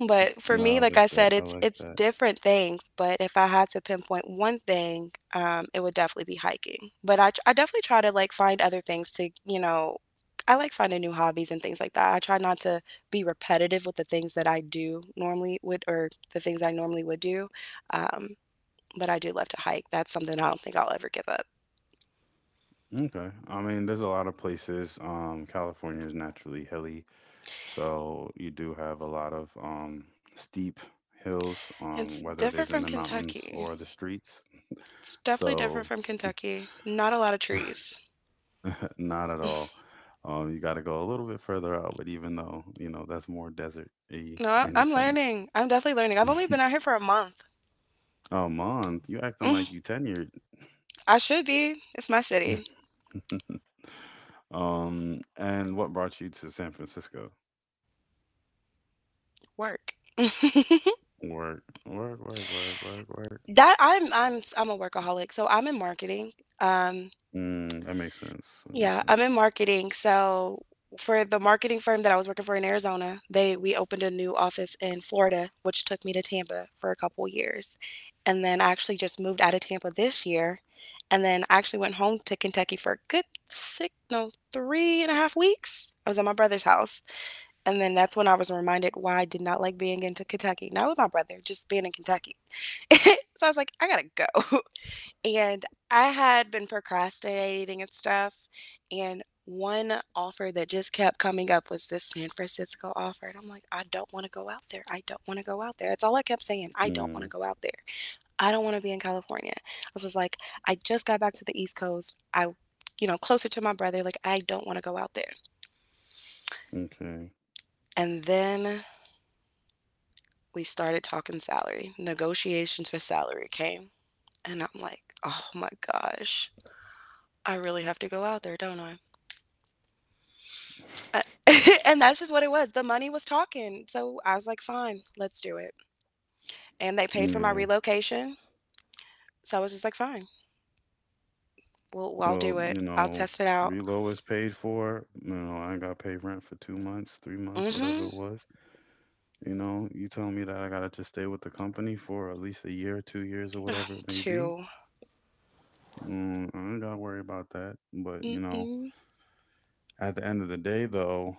Speaker 2: But
Speaker 1: No,
Speaker 2: for
Speaker 1: I
Speaker 2: me,
Speaker 1: like
Speaker 2: like I
Speaker 1: that, I
Speaker 2: said,
Speaker 1: like
Speaker 2: it's
Speaker 1: that.
Speaker 2: it's different things. But if I had to pinpoint one thing, it would definitely be hiking. But I definitely try to, like, find other things to, I like finding new hobbies and things like that. I try not to be repetitive with the things that I do normally would or the things I normally would do. Um, but I do love to hike. That's something I don't think I'll ever give up.
Speaker 1: Okay. I mean, there's a lot of places. California is naturally hilly, so you do have a lot of steep hills,
Speaker 2: It's
Speaker 1: whether it is
Speaker 2: different
Speaker 1: in
Speaker 2: from
Speaker 1: the mountains
Speaker 2: Kentucky.
Speaker 1: or the streets.
Speaker 2: It's definitely
Speaker 1: So,
Speaker 2: different from Kentucky. Not a lot of trees.
Speaker 1: not at all. You got to go a little bit further out, but even though, you know, that's more desert-y
Speaker 2: No,
Speaker 1: in a
Speaker 2: I'm
Speaker 1: sense.
Speaker 2: learning. I'm definitely learning. I've only been out here for a month.
Speaker 1: A month? You acting
Speaker 2: Mm,
Speaker 1: like you tenured.
Speaker 2: I should be. It's my city.
Speaker 1: And what brought you to San Francisco?
Speaker 2: Work.
Speaker 1: Work, work, work, work, work, work.
Speaker 2: That I'm a workaholic. So I'm in marketing. Um
Speaker 1: Mm, that makes sense. That makes
Speaker 2: yeah,
Speaker 1: sense.
Speaker 2: I'm in marketing. So for the marketing firm that I was working for in Arizona, they we opened a new office in Florida, which took me to Tampa for a couple years. And then I actually just moved out of Tampa this year. And then I actually went home to Kentucky for a good six, no, 3.5 weeks. I was at my brother's house. And then that's when I was reminded why I did not like being into Kentucky. Not with my brother, just being in Kentucky. So I was like, I gotta go. And I had been procrastinating and stuff. And one offer that just kept coming up was this San Francisco offer. And I'm like, I don't want to go out there. I don't want to go out there. That's all I kept saying. I don't
Speaker 1: Mm,
Speaker 2: want to go out there. I don't want to be in California. I was just like, I just got back to the East Coast. Closer to my brother. Like, I don't want to go out there.
Speaker 1: okay.
Speaker 2: And then we started talking salary, negotiations for salary came. And I'm like, oh my gosh, I really have to go out there, don't I? Uh, and that's just what it was. The money was talking. So I was like, fine, let's do it. And they paid for my
Speaker 1: Yeah.
Speaker 2: relocation. So I was just like, fine, well, I'll
Speaker 1: Well,
Speaker 2: do it.
Speaker 1: you
Speaker 2: I'll
Speaker 1: know,
Speaker 2: test it out.
Speaker 1: reload was paid for. You know, I got paid rent for 2 months, three
Speaker 2: Mm
Speaker 1: months, whatever
Speaker 2: hmm.
Speaker 1: it was. You know, you tell me that I gotta just stay with the company for at least a year, 2 years, or whatever it may be.
Speaker 2: To,
Speaker 1: Mm, I ain't gotta worry about that. But
Speaker 2: mm
Speaker 1: you know,
Speaker 2: mm.
Speaker 1: at the end of the day, though,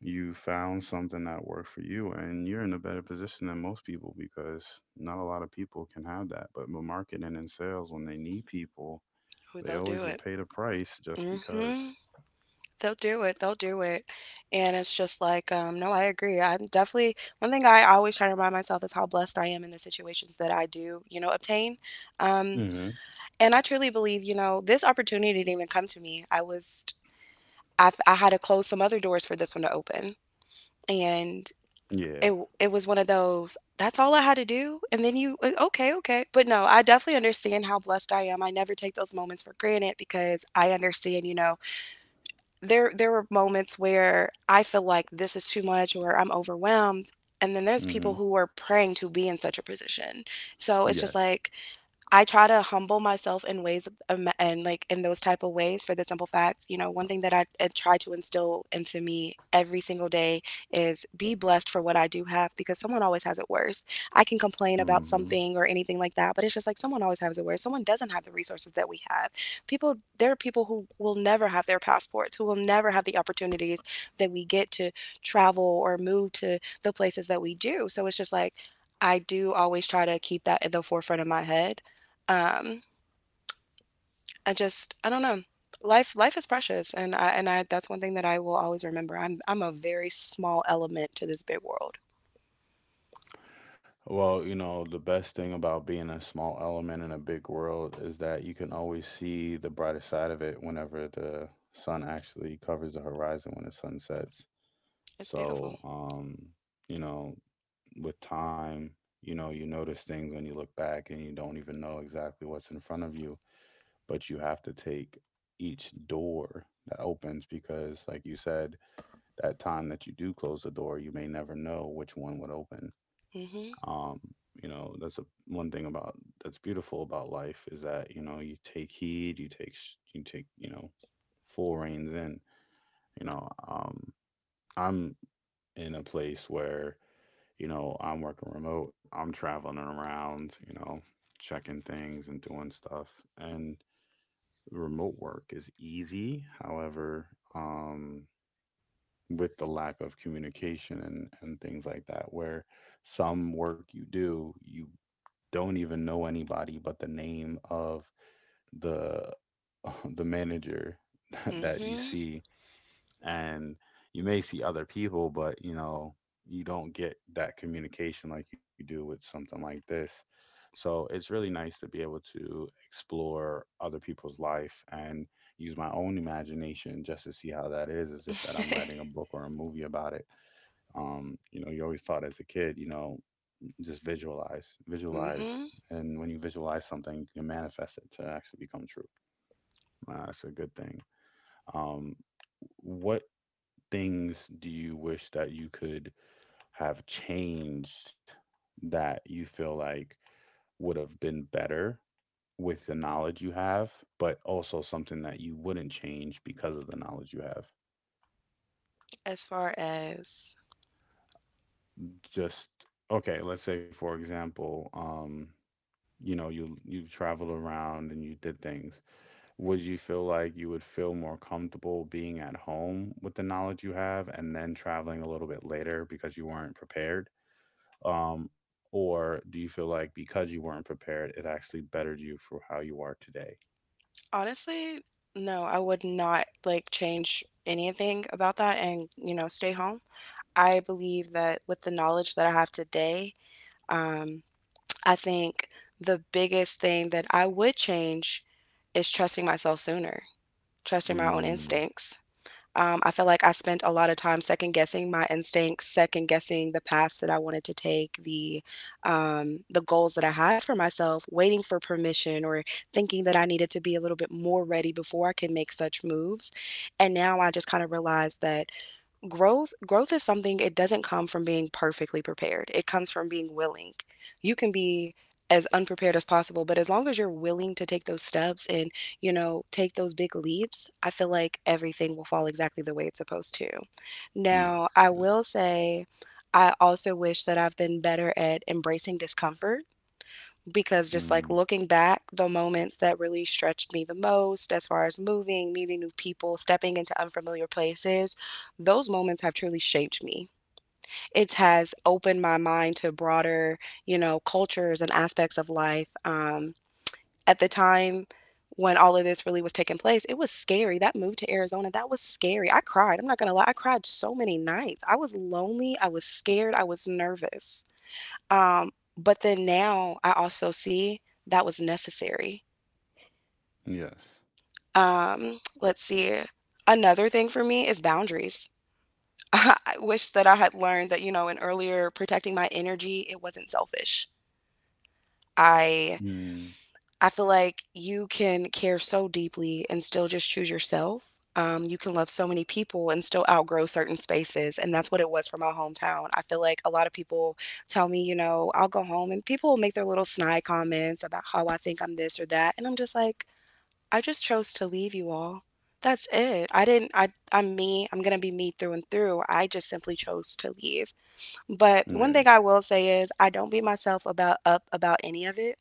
Speaker 1: you found something that worked for you, and you're in a better position than most people because not a lot of people can have that. But with marketing and sales, when they need people,
Speaker 2: Who
Speaker 1: they
Speaker 2: they'll do
Speaker 1: always will
Speaker 2: it.
Speaker 1: pay the price just
Speaker 2: Mm hmm.
Speaker 1: because.
Speaker 2: They'll do it, and it's just like, no, I agree. I'm definitely, one thing I always try to remind myself is how blessed I am in the situations that I do, you know, obtain, um,
Speaker 1: Hmm.
Speaker 2: and I truly believe, you know, this opportunity didn't even come to me, I had to close some other doors for this one to open, and it
Speaker 1: Yeah.
Speaker 2: it was one of those, "That's all I had to do?" And then you "Okay, okay," but no, I definitely understand how blessed I am. I never take those moments for granted because I understand, you know, there were moments where I feel like this is too much or I'm overwhelmed. And then there's people
Speaker 1: Hmm.
Speaker 2: who are praying to be in such a position. So it's just
Speaker 1: Yes.
Speaker 2: like, I try to humble myself and, like, in those type of ways for the simple facts. You know, one thing that I try to instill into me every single day is be blessed for what I do have, because someone always has it worse. I can complain about
Speaker 1: Hmm.
Speaker 2: something or anything like that, but it's just like someone always has it worse. Someone doesn't have the resources that we have. There are people who will never have their passports, who will never have the opportunities that we get to travel or move to the places that we do. So it's just like, I do always try to keep that at the forefront of my head. um, I just I don't know. Life is precious, and I that's one thing that I will always remember. I'm a very small element to this big world.
Speaker 1: Well, you know, the best thing about being a small element in a big world is that you can always see the brighter side of it whenever the sun actually covers the horizon when the sun sets.
Speaker 2: It's
Speaker 1: So,
Speaker 2: beautiful.
Speaker 1: you know, with time, you know, you notice things when you look back and you don't even know exactly what's in front of you, but you have to take each door that opens because, like you said, that time that you do close the door, you may never know which one would open.
Speaker 2: Mhm.
Speaker 1: Um, you know, that's a, one thing about that's beautiful about life is that, you know, you take heed, you take, you take, you know, full reins in, you know, I'm in a place where, you know, I'm working remote, I'm traveling around, you know, checking things and doing stuff. And remote work is easy. However, um, with the lack of communication and, things like that, where some work you do, you don't even know anybody but the name of the the manager that you
Speaker 2: Mhm.
Speaker 1: see, and you may see other people but you know you don't get that communication like you do with something like this. So it's really nice to be able to explore other people's life and use my own imagination just to see how that is, as if that I'm writing a book or a movie about it. You know, you always taught as a kid, you know, just visualize,
Speaker 2: Mhm.
Speaker 1: and when you visualize something you can manifest it to actually become true. That's a good thing. um, what things do you wish that you could have changed that you feel like would have been better with the knowledge you have, but also something that you wouldn't change because of the knowledge you have?
Speaker 2: As far as
Speaker 1: Just okay, let's say for example, you know, you traveled around and you did things. Would you feel like you would feel more comfortable being at home with the knowledge you have and then traveling a little bit later because you weren't prepared? Or do you feel like because you weren't prepared, it actually bettered you for how you are today?
Speaker 2: honestly, no, I would not like change anything about that and, you know, stay home. I believe that with the knowledge that I have today, um, I think the biggest thing that I would change is trusting myself sooner. Trusting my own
Speaker 1: Mm,
Speaker 2: instincts. I feel like I spent a lot of time second guessing my instincts, second guessing the paths that I wanted to take, the goals that I had for myself, waiting for permission or thinking that I needed to be a little bit more ready before I could make such moves. And now I just kind of realized that growth is something. It doesn't come from being perfectly prepared. It comes from being willing. You can be as unprepared as possible, but as long as you're willing to take those steps and take those big leaps, I feel like everything will fall exactly the way it's supposed to. Now
Speaker 1: yes,
Speaker 2: I
Speaker 1: yes.
Speaker 2: will say, I also wish that I've been better at embracing discomfort, because just
Speaker 1: Mm,
Speaker 2: like looking back, the moments that really stretched me the most, as far as moving, meeting new people, stepping into unfamiliar places, those moments have truly shaped me. It has opened my mind to broader cultures and aspects of life. At the time when all of this really was taking place, it was scary. That move to Arizona, that was scary. I cried. I'm not gonna lie, I cried so many nights. I was lonely, I was scared, I was nervous. Um, but then now I also see that was necessary.
Speaker 1: yes.
Speaker 2: Let's see. Another thing for me is boundaries. I wish that I had learned that, in earlier protecting my energy, it wasn't selfish. I
Speaker 1: Mm,
Speaker 2: I feel like you can care so deeply and still just choose yourself. You can love so many people and still outgrow certain spaces. And that's what it was for my hometown. I feel like a lot of people tell me, I'll go home and people will make their little snide comments about how I think I'm this or that. And I'm just like, I just chose to leave you all. That's it. I didn't, I, I'm me. I'm going to be me through and through. I just simply chose to leave. But one
Speaker 1: yeah,
Speaker 2: thing I will say is I don't beat myself about up about any of it.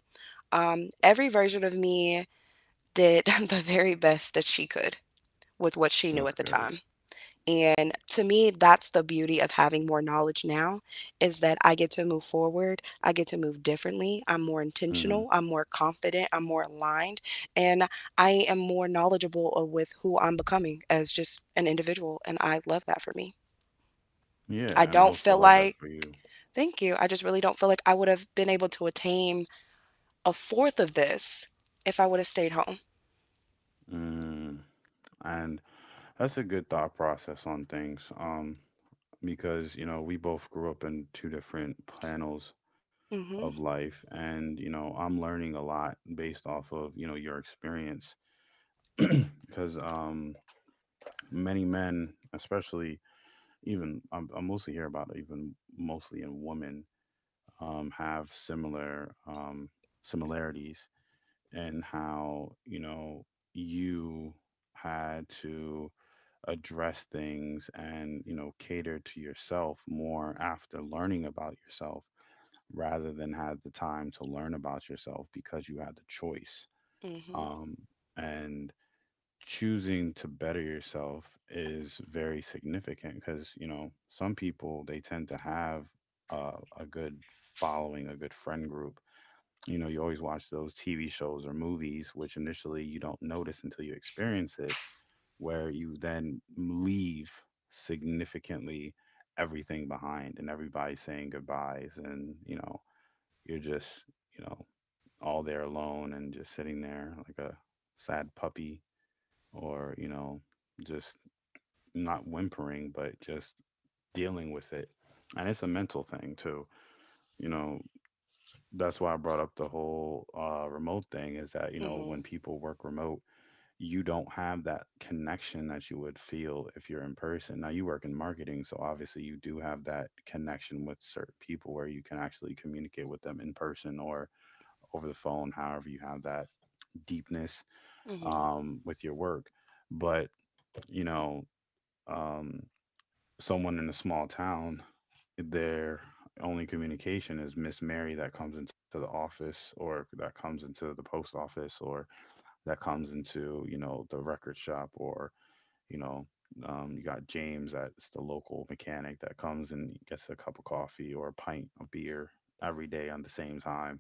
Speaker 2: Every version of me did the very best that she could with what she knew
Speaker 1: that's
Speaker 2: at the
Speaker 1: good.
Speaker 2: time. And to me, that's the beauty of having more knowledge now is that I get to move forward. I get to move differently. I'm more
Speaker 1: Hmm.
Speaker 2: intentional. I'm more confident. I'm more aligned. And I am more knowledgeable with who I'm becoming as just an individual. And I love that for me.
Speaker 1: Yeah,
Speaker 2: I
Speaker 1: and I
Speaker 2: don't
Speaker 1: also
Speaker 2: feel
Speaker 1: love that
Speaker 2: like,
Speaker 1: for you.
Speaker 2: Thank you. I just really don't feel like I would have been able to attain a fourth of this if I would have stayed home.
Speaker 1: Mm, and that's a good thought process on things. Because, you know, we both grew up in two different panels
Speaker 2: Mm
Speaker 1: of
Speaker 2: hmm.
Speaker 1: life, and I'm learning a lot based off of your experience. Because many men, especially, I mostly hear about even mostly in women, have similar similarities in how, you had to address things, and you know, cater to yourself more after learning about yourself rather than had the time to learn about yourself because you had the choice.
Speaker 2: Mm hmm.
Speaker 1: um, and choosing to better yourself is very significant, because you know, some people, they tend to have uh, a good following a good friend group. You know, you always watch those tv shows or movies which initially you don't notice until you experience it, where you then leave significantly everything behind, and everybody's saying goodbyes, and you know, you're just, you know, all there alone and just sitting there like a sad puppy, or you know, just not whimpering, but just dealing with it. And it's a mental thing too, you know. That's why I brought up the whole remote thing, is that you
Speaker 2: Mm
Speaker 1: know, when
Speaker 2: hmm.
Speaker 1: people work remote, you don't have that connection that you would feel if you're in person. Now, you work in marketing, so obviously you do have that connection with certain people where you can actually communicate with them in person or over the phone. However, you have that deepness,
Speaker 2: Mhm,
Speaker 1: with your work. But you know um, someone in a small town, their only communication is Miss Mary that comes into the office, or that comes into the post office, or that comes into, you know, the record shop, or, you know, you got James that's the local mechanic that comes and gets a cup of coffee or a pint of beer every day on the same time.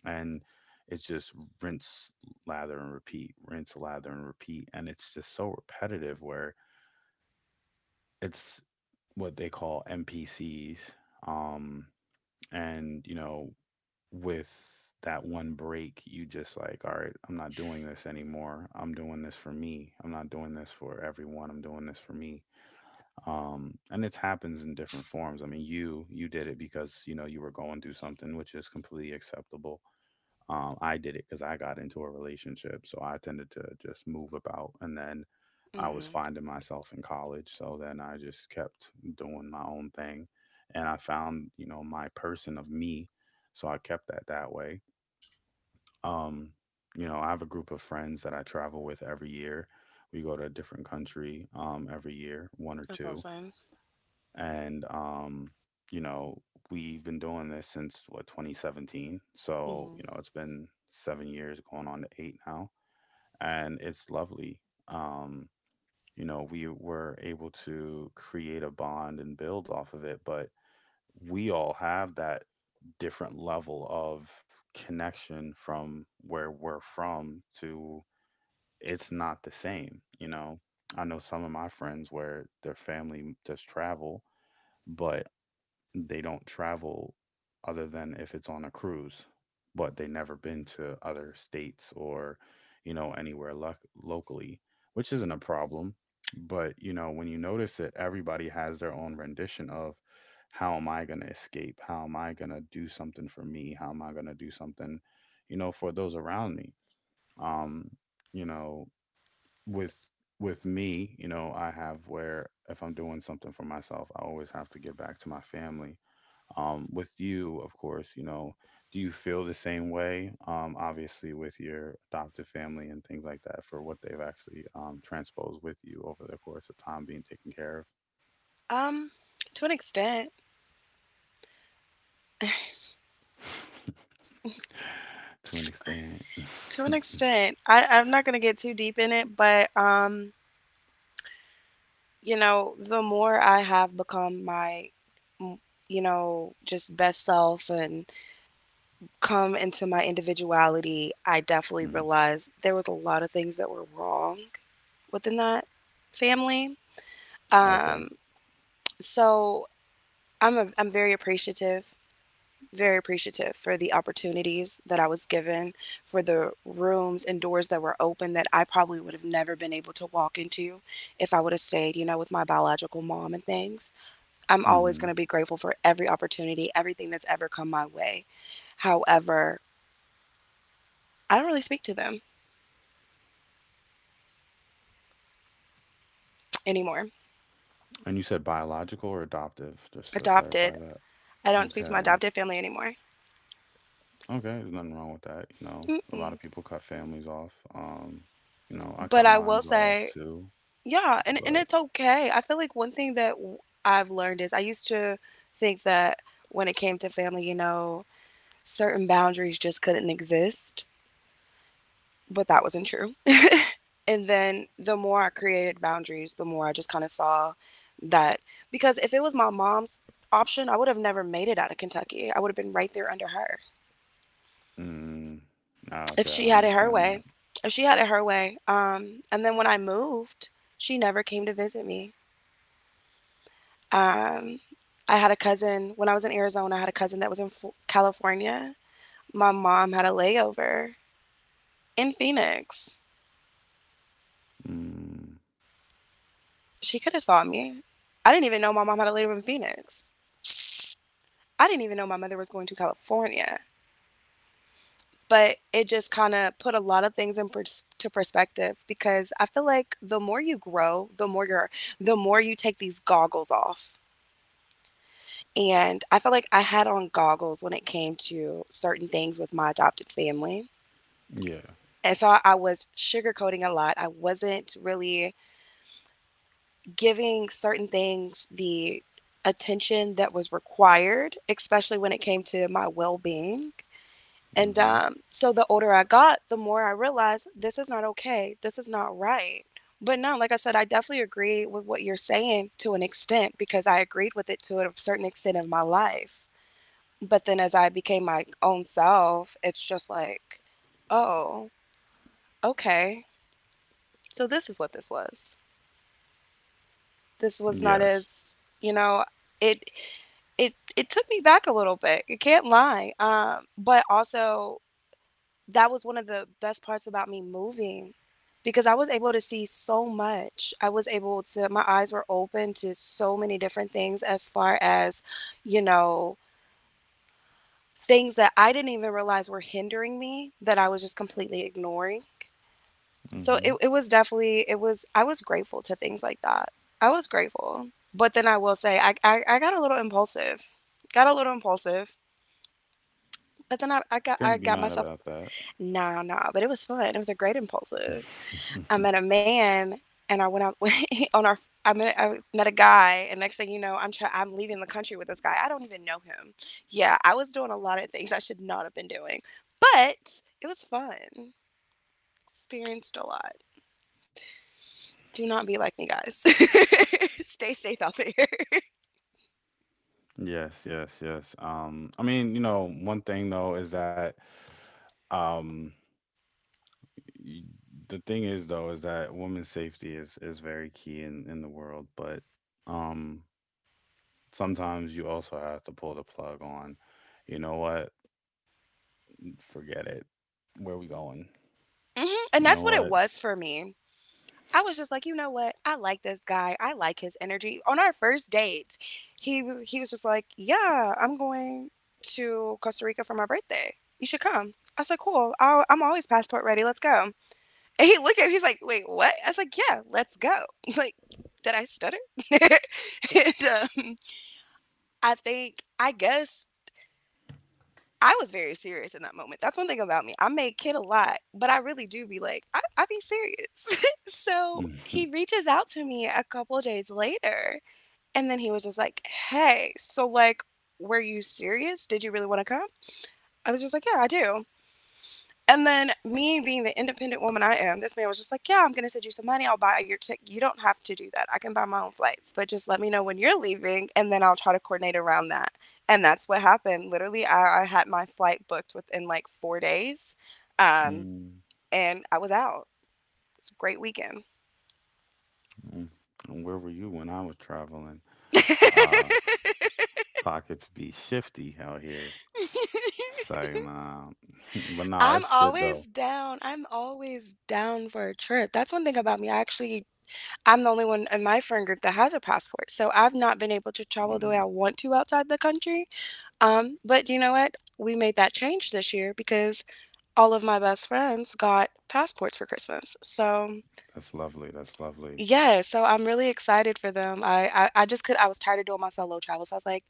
Speaker 1: And it's just rinse, lather, and repeat, rinse, lather, and repeat. And it's just so repetitive where it's what they call NPCs. Um, and you know, with that one break, you just like, all right, I'm not doing this anymore. I'm doing this for me. I'm not doing this for everyone. I'm doing this for me. And it happens in different forms. I mean, you did it because you know, you were going through something, which is completely acceptable. I did it because I got into a relationship, so I tended to just move about, and then I was
Speaker 2: mhm.
Speaker 1: finding myself in college, so then I just kept doing my own thing, and I found, you know, my person of me, so I kept that way. Um, you know, I have a group of friends that I travel with every year. We go to a different country every year, one or
Speaker 2: That's
Speaker 1: two,
Speaker 2: awesome.
Speaker 1: and you know, we've been doing this since what, 2017, so
Speaker 2: Mhm.
Speaker 1: you know, it's been 7 years going on to eight now. And it's lovely. um, you know, we were able to create a bond and build off of it, but we all have that different level of connection. From where we're from to, it's not the same, you know. I know some of my friends where their family does travel, but they don't travel other than if it's on a cruise, but they never been to other states or, you know, anywhere locally, which isn't a problem. But, you know, when you notice it, everybody has their own rendition of, how am I going to escape? How am I going to do something for me? How am I going to do something, you know, for those around me? Um, you know, with with me, you know, I have where if I'm doing something for myself, I always have to give back to my family. With you, of course, you know, do you feel the same way, obviously with your adoptive family and things like that, for what they've actually transposed with you over the course of time being taken care
Speaker 2: Um, to an extent,
Speaker 1: of. To an extent.
Speaker 2: to an extent, I'm not gonna get too deep in it, but you know, the more I have become m- you know, just best self and come into my individuality, I definitely
Speaker 1: Mm,
Speaker 2: realized there was a lot of things that were wrong within that family.
Speaker 1: okay.
Speaker 2: Um, so I'm very appreciative, very appreciative for the opportunities that I was given, for the rooms and doors that were open that I probably would have never been able to walk into if I would have stayed, you know, with my biological mom and things. I'm always going to
Speaker 1: Hmm.
Speaker 2: be grateful for every opportunity, everything that's ever come my way. However, I don't really speak to them anymore.
Speaker 1: And you said biological or adoptive, just to clarify
Speaker 2: Adopted.
Speaker 1: that.
Speaker 2: I don't speak to my
Speaker 1: Okay.
Speaker 2: adopted family anymore.
Speaker 1: Okay. There's nothing wrong with that. You know, a lot of
Speaker 2: Mm-mm.
Speaker 1: people cut families off. You know, I cut
Speaker 2: But I will
Speaker 1: mine's off
Speaker 2: say,
Speaker 1: too,
Speaker 2: yeah, and
Speaker 1: but.
Speaker 2: it's okay. I feel like one thing I've learned is I used to think that when it came to family, you know, certain boundaries just couldn't exist, but that wasn't true. And then the more I created boundaries, the more I just kind of saw that because if it was my mom's option, I would have never made it out of Kentucky. I would have been right there under her
Speaker 1: Mm. Ah,
Speaker 2: if
Speaker 1: okay,
Speaker 2: she
Speaker 1: I
Speaker 2: had it her
Speaker 1: understand that.
Speaker 2: way. If she had it her way. And then when I moved, she never came to visit me. Um, I had a cousin when I was in Arizona. I had a cousin that was in California. My mom had a layover in Phoenix.
Speaker 1: Mm.
Speaker 2: She could have saw me. I didn't even know my mom had a layover in Phoenix. I didn't even know my mother was going to California. But it just kind of put a lot of things in pers- to perspective because I feel like the more you grow, the more you take these goggles off. And I feel like I had on goggles when it came to certain things with my adopted family.
Speaker 1: Yeah.
Speaker 2: And so I was sugarcoating a lot. I wasn't really giving certain things the attention that was required, especially when it came to my well being. And
Speaker 1: Mm-hmm.
Speaker 2: so the older I got, the more I realized this is not okay. This is not right. But no, like I said, I definitely agree with what you're saying to an extent because I agreed with it to a certain extent in my life. But then as I became my own self, it's just like, oh, okay. So this is what this was. This was not
Speaker 1: Yes.
Speaker 2: as, you know, it it took me back a little bit. You can't lie. But also that was one of the best parts about me moving because I was able to see so much. I was able to My eyes were open to so many different things as far as, you know, things that I didn't even realize were hindering me that I was just completely ignoring. So
Speaker 1: Mm-hmm.
Speaker 2: it was definitely, it was I was grateful to things like that. I was grateful. But then I will say I got a little impulsive. Got a little impulsive. But then
Speaker 1: Can't be
Speaker 2: I
Speaker 1: mad
Speaker 2: got myself.
Speaker 1: about that.
Speaker 2: Nah, nah. But it was fun. It was a great impulsive. I met a man and I went out on our I met a guy, and next thing you know, I'm leaving the country with this guy. I don't even know him. Yeah, I was doing a lot of things I should not have been doing, but it was fun. Experienced a lot. Do not be like me, guys. Stay safe out there.
Speaker 1: Yes, yes, yes. I mean, you know, one thing though is that um y- the thing is though is that women's safety is very key in the world, but um sometimes you also have to pull the plug on, you know what? Forget it. Where we going?
Speaker 2: Mhm. And
Speaker 1: You know
Speaker 2: that's what it
Speaker 1: what?
Speaker 2: was for me. I was just like, you know what? I like this guy. I like his energy. On our first date, he was just like, yeah, I'm going to Costa Rica for my birthday. You should come. I was like, cool. I'm always passport ready. Let's go. And he looked at me. He's like, wait, what? I was like, yeah, let's go. Like, did I stutter? And, I guess I was very serious in that moment. That's one thing about me. I make kid a lot, but I really do be like, I be serious. So he reaches out to me a couple of days later, and then he was just like, hey, so like, were you serious? Did you really want to come? I was just like, yeah, I do. And then me being the independent woman I am, this man was just like, "Yeah, I'm gonna send you some money. I'll buy your ticket. You don't have to do that. I can buy my own flights, but just let me know when you're leaving, and then I'll try to coordinate around that." And that's what happened. Literally, I had my flight booked within like 4 days, um,
Speaker 1: Mm.
Speaker 2: and I was out. It's a great weekend.
Speaker 1: Mm. And where were you when I was traveling? Uh, pockets be shifty out here. So, nah. But nah,
Speaker 2: I'm
Speaker 1: it's good though.
Speaker 2: always down. I'm always down for a trip. That's one thing about me. I'm the only one in my friend group that has a passport, so I've not been able to travel the way
Speaker 1: Mm,
Speaker 2: I want to outside the country. But you know what? We made that change this year because all of my best friends got passports for Christmas. So
Speaker 1: that's lovely. That's lovely.
Speaker 2: yeah, so I'm really excited for them. I just could I was tired of doing my solo travel, so I was like,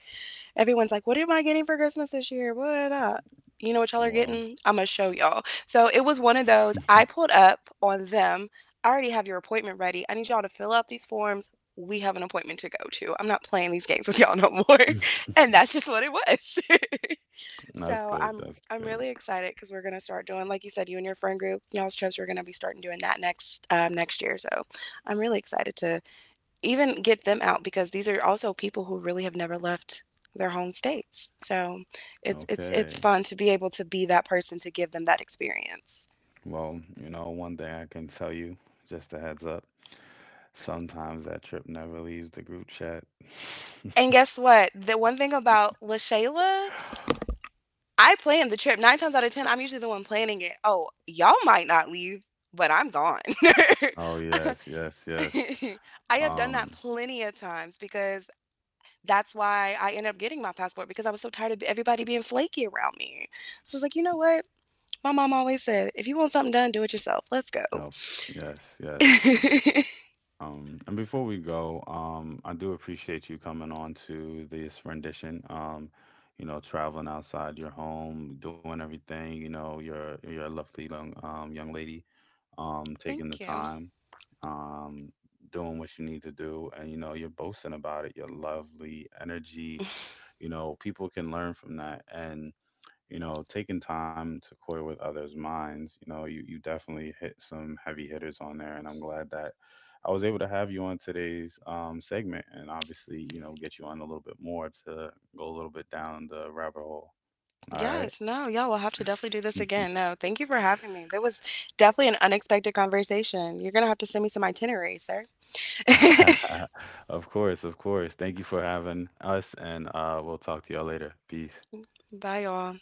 Speaker 2: everyone's like, what am I getting for Christmas this year? What? You know what y'all are
Speaker 1: Well,
Speaker 2: getting? I'm going to show y'all. So it was one of those. I pulled up on them. I already have your appointment ready. I need y'all to fill out these forms. We have an appointment to go to. I'm not playing these games with y'all no more. And that's just what it was.
Speaker 1: that's
Speaker 2: So
Speaker 1: good.
Speaker 2: I'm
Speaker 1: That's
Speaker 2: I'm
Speaker 1: good.
Speaker 2: really excited because we're gonna start doing, like you said, you and your friend group, y'all's trips. We're gonna be starting doing that next next year. So I'm really excited to even get them out because these are also people who really have never left their home states. So it's it's
Speaker 1: Okay.
Speaker 2: fun to be able to be that person to give them that experience.
Speaker 1: Well, you know, one thing I can tell you, just a heads up, sometimes that trip never leaves the group chat.
Speaker 2: And guess what? The one thing about LaShayla, I planned the trip. Nine times out of ten, I'm usually the one planning it. Oh, y'all might not leave, but I'm gone.
Speaker 1: Oh yes, yes, yes.
Speaker 2: I have done that
Speaker 1: Um,
Speaker 2: plenty of times because that's why I ended up getting my passport because I was so tired of everybody being flaky around me. So I was like, you know what? My mom always said, if you want something done, do it yourself. Let's go.
Speaker 1: no, yes, yes. And before we go, I do appreciate you coming on to this rendition. You know, traveling outside your home, doing everything. You know, you're a lovely young young lady, taking the
Speaker 2: Thank you.
Speaker 1: time, um, doing what you need to do, and you know, you're boasting about it. Your lovely energy. You know, people can learn from that. And you know, taking time to coil with others' minds, you know, you definitely hit some heavy hitters on there. And I'm glad that I was able to have you on today's segment, and obviously, you know, get you on a little bit more to go a little bit down the rabbit hole. All right.
Speaker 2: Yes, no, y'all will have to definitely do this again. No, thank you for having me. That was definitely an unexpected conversation. You're going to have to send me some itinerary, sir.
Speaker 1: Of course, of course. Thank you for having us, and we'll talk to y'all later. Peace.
Speaker 2: Bye, y'all.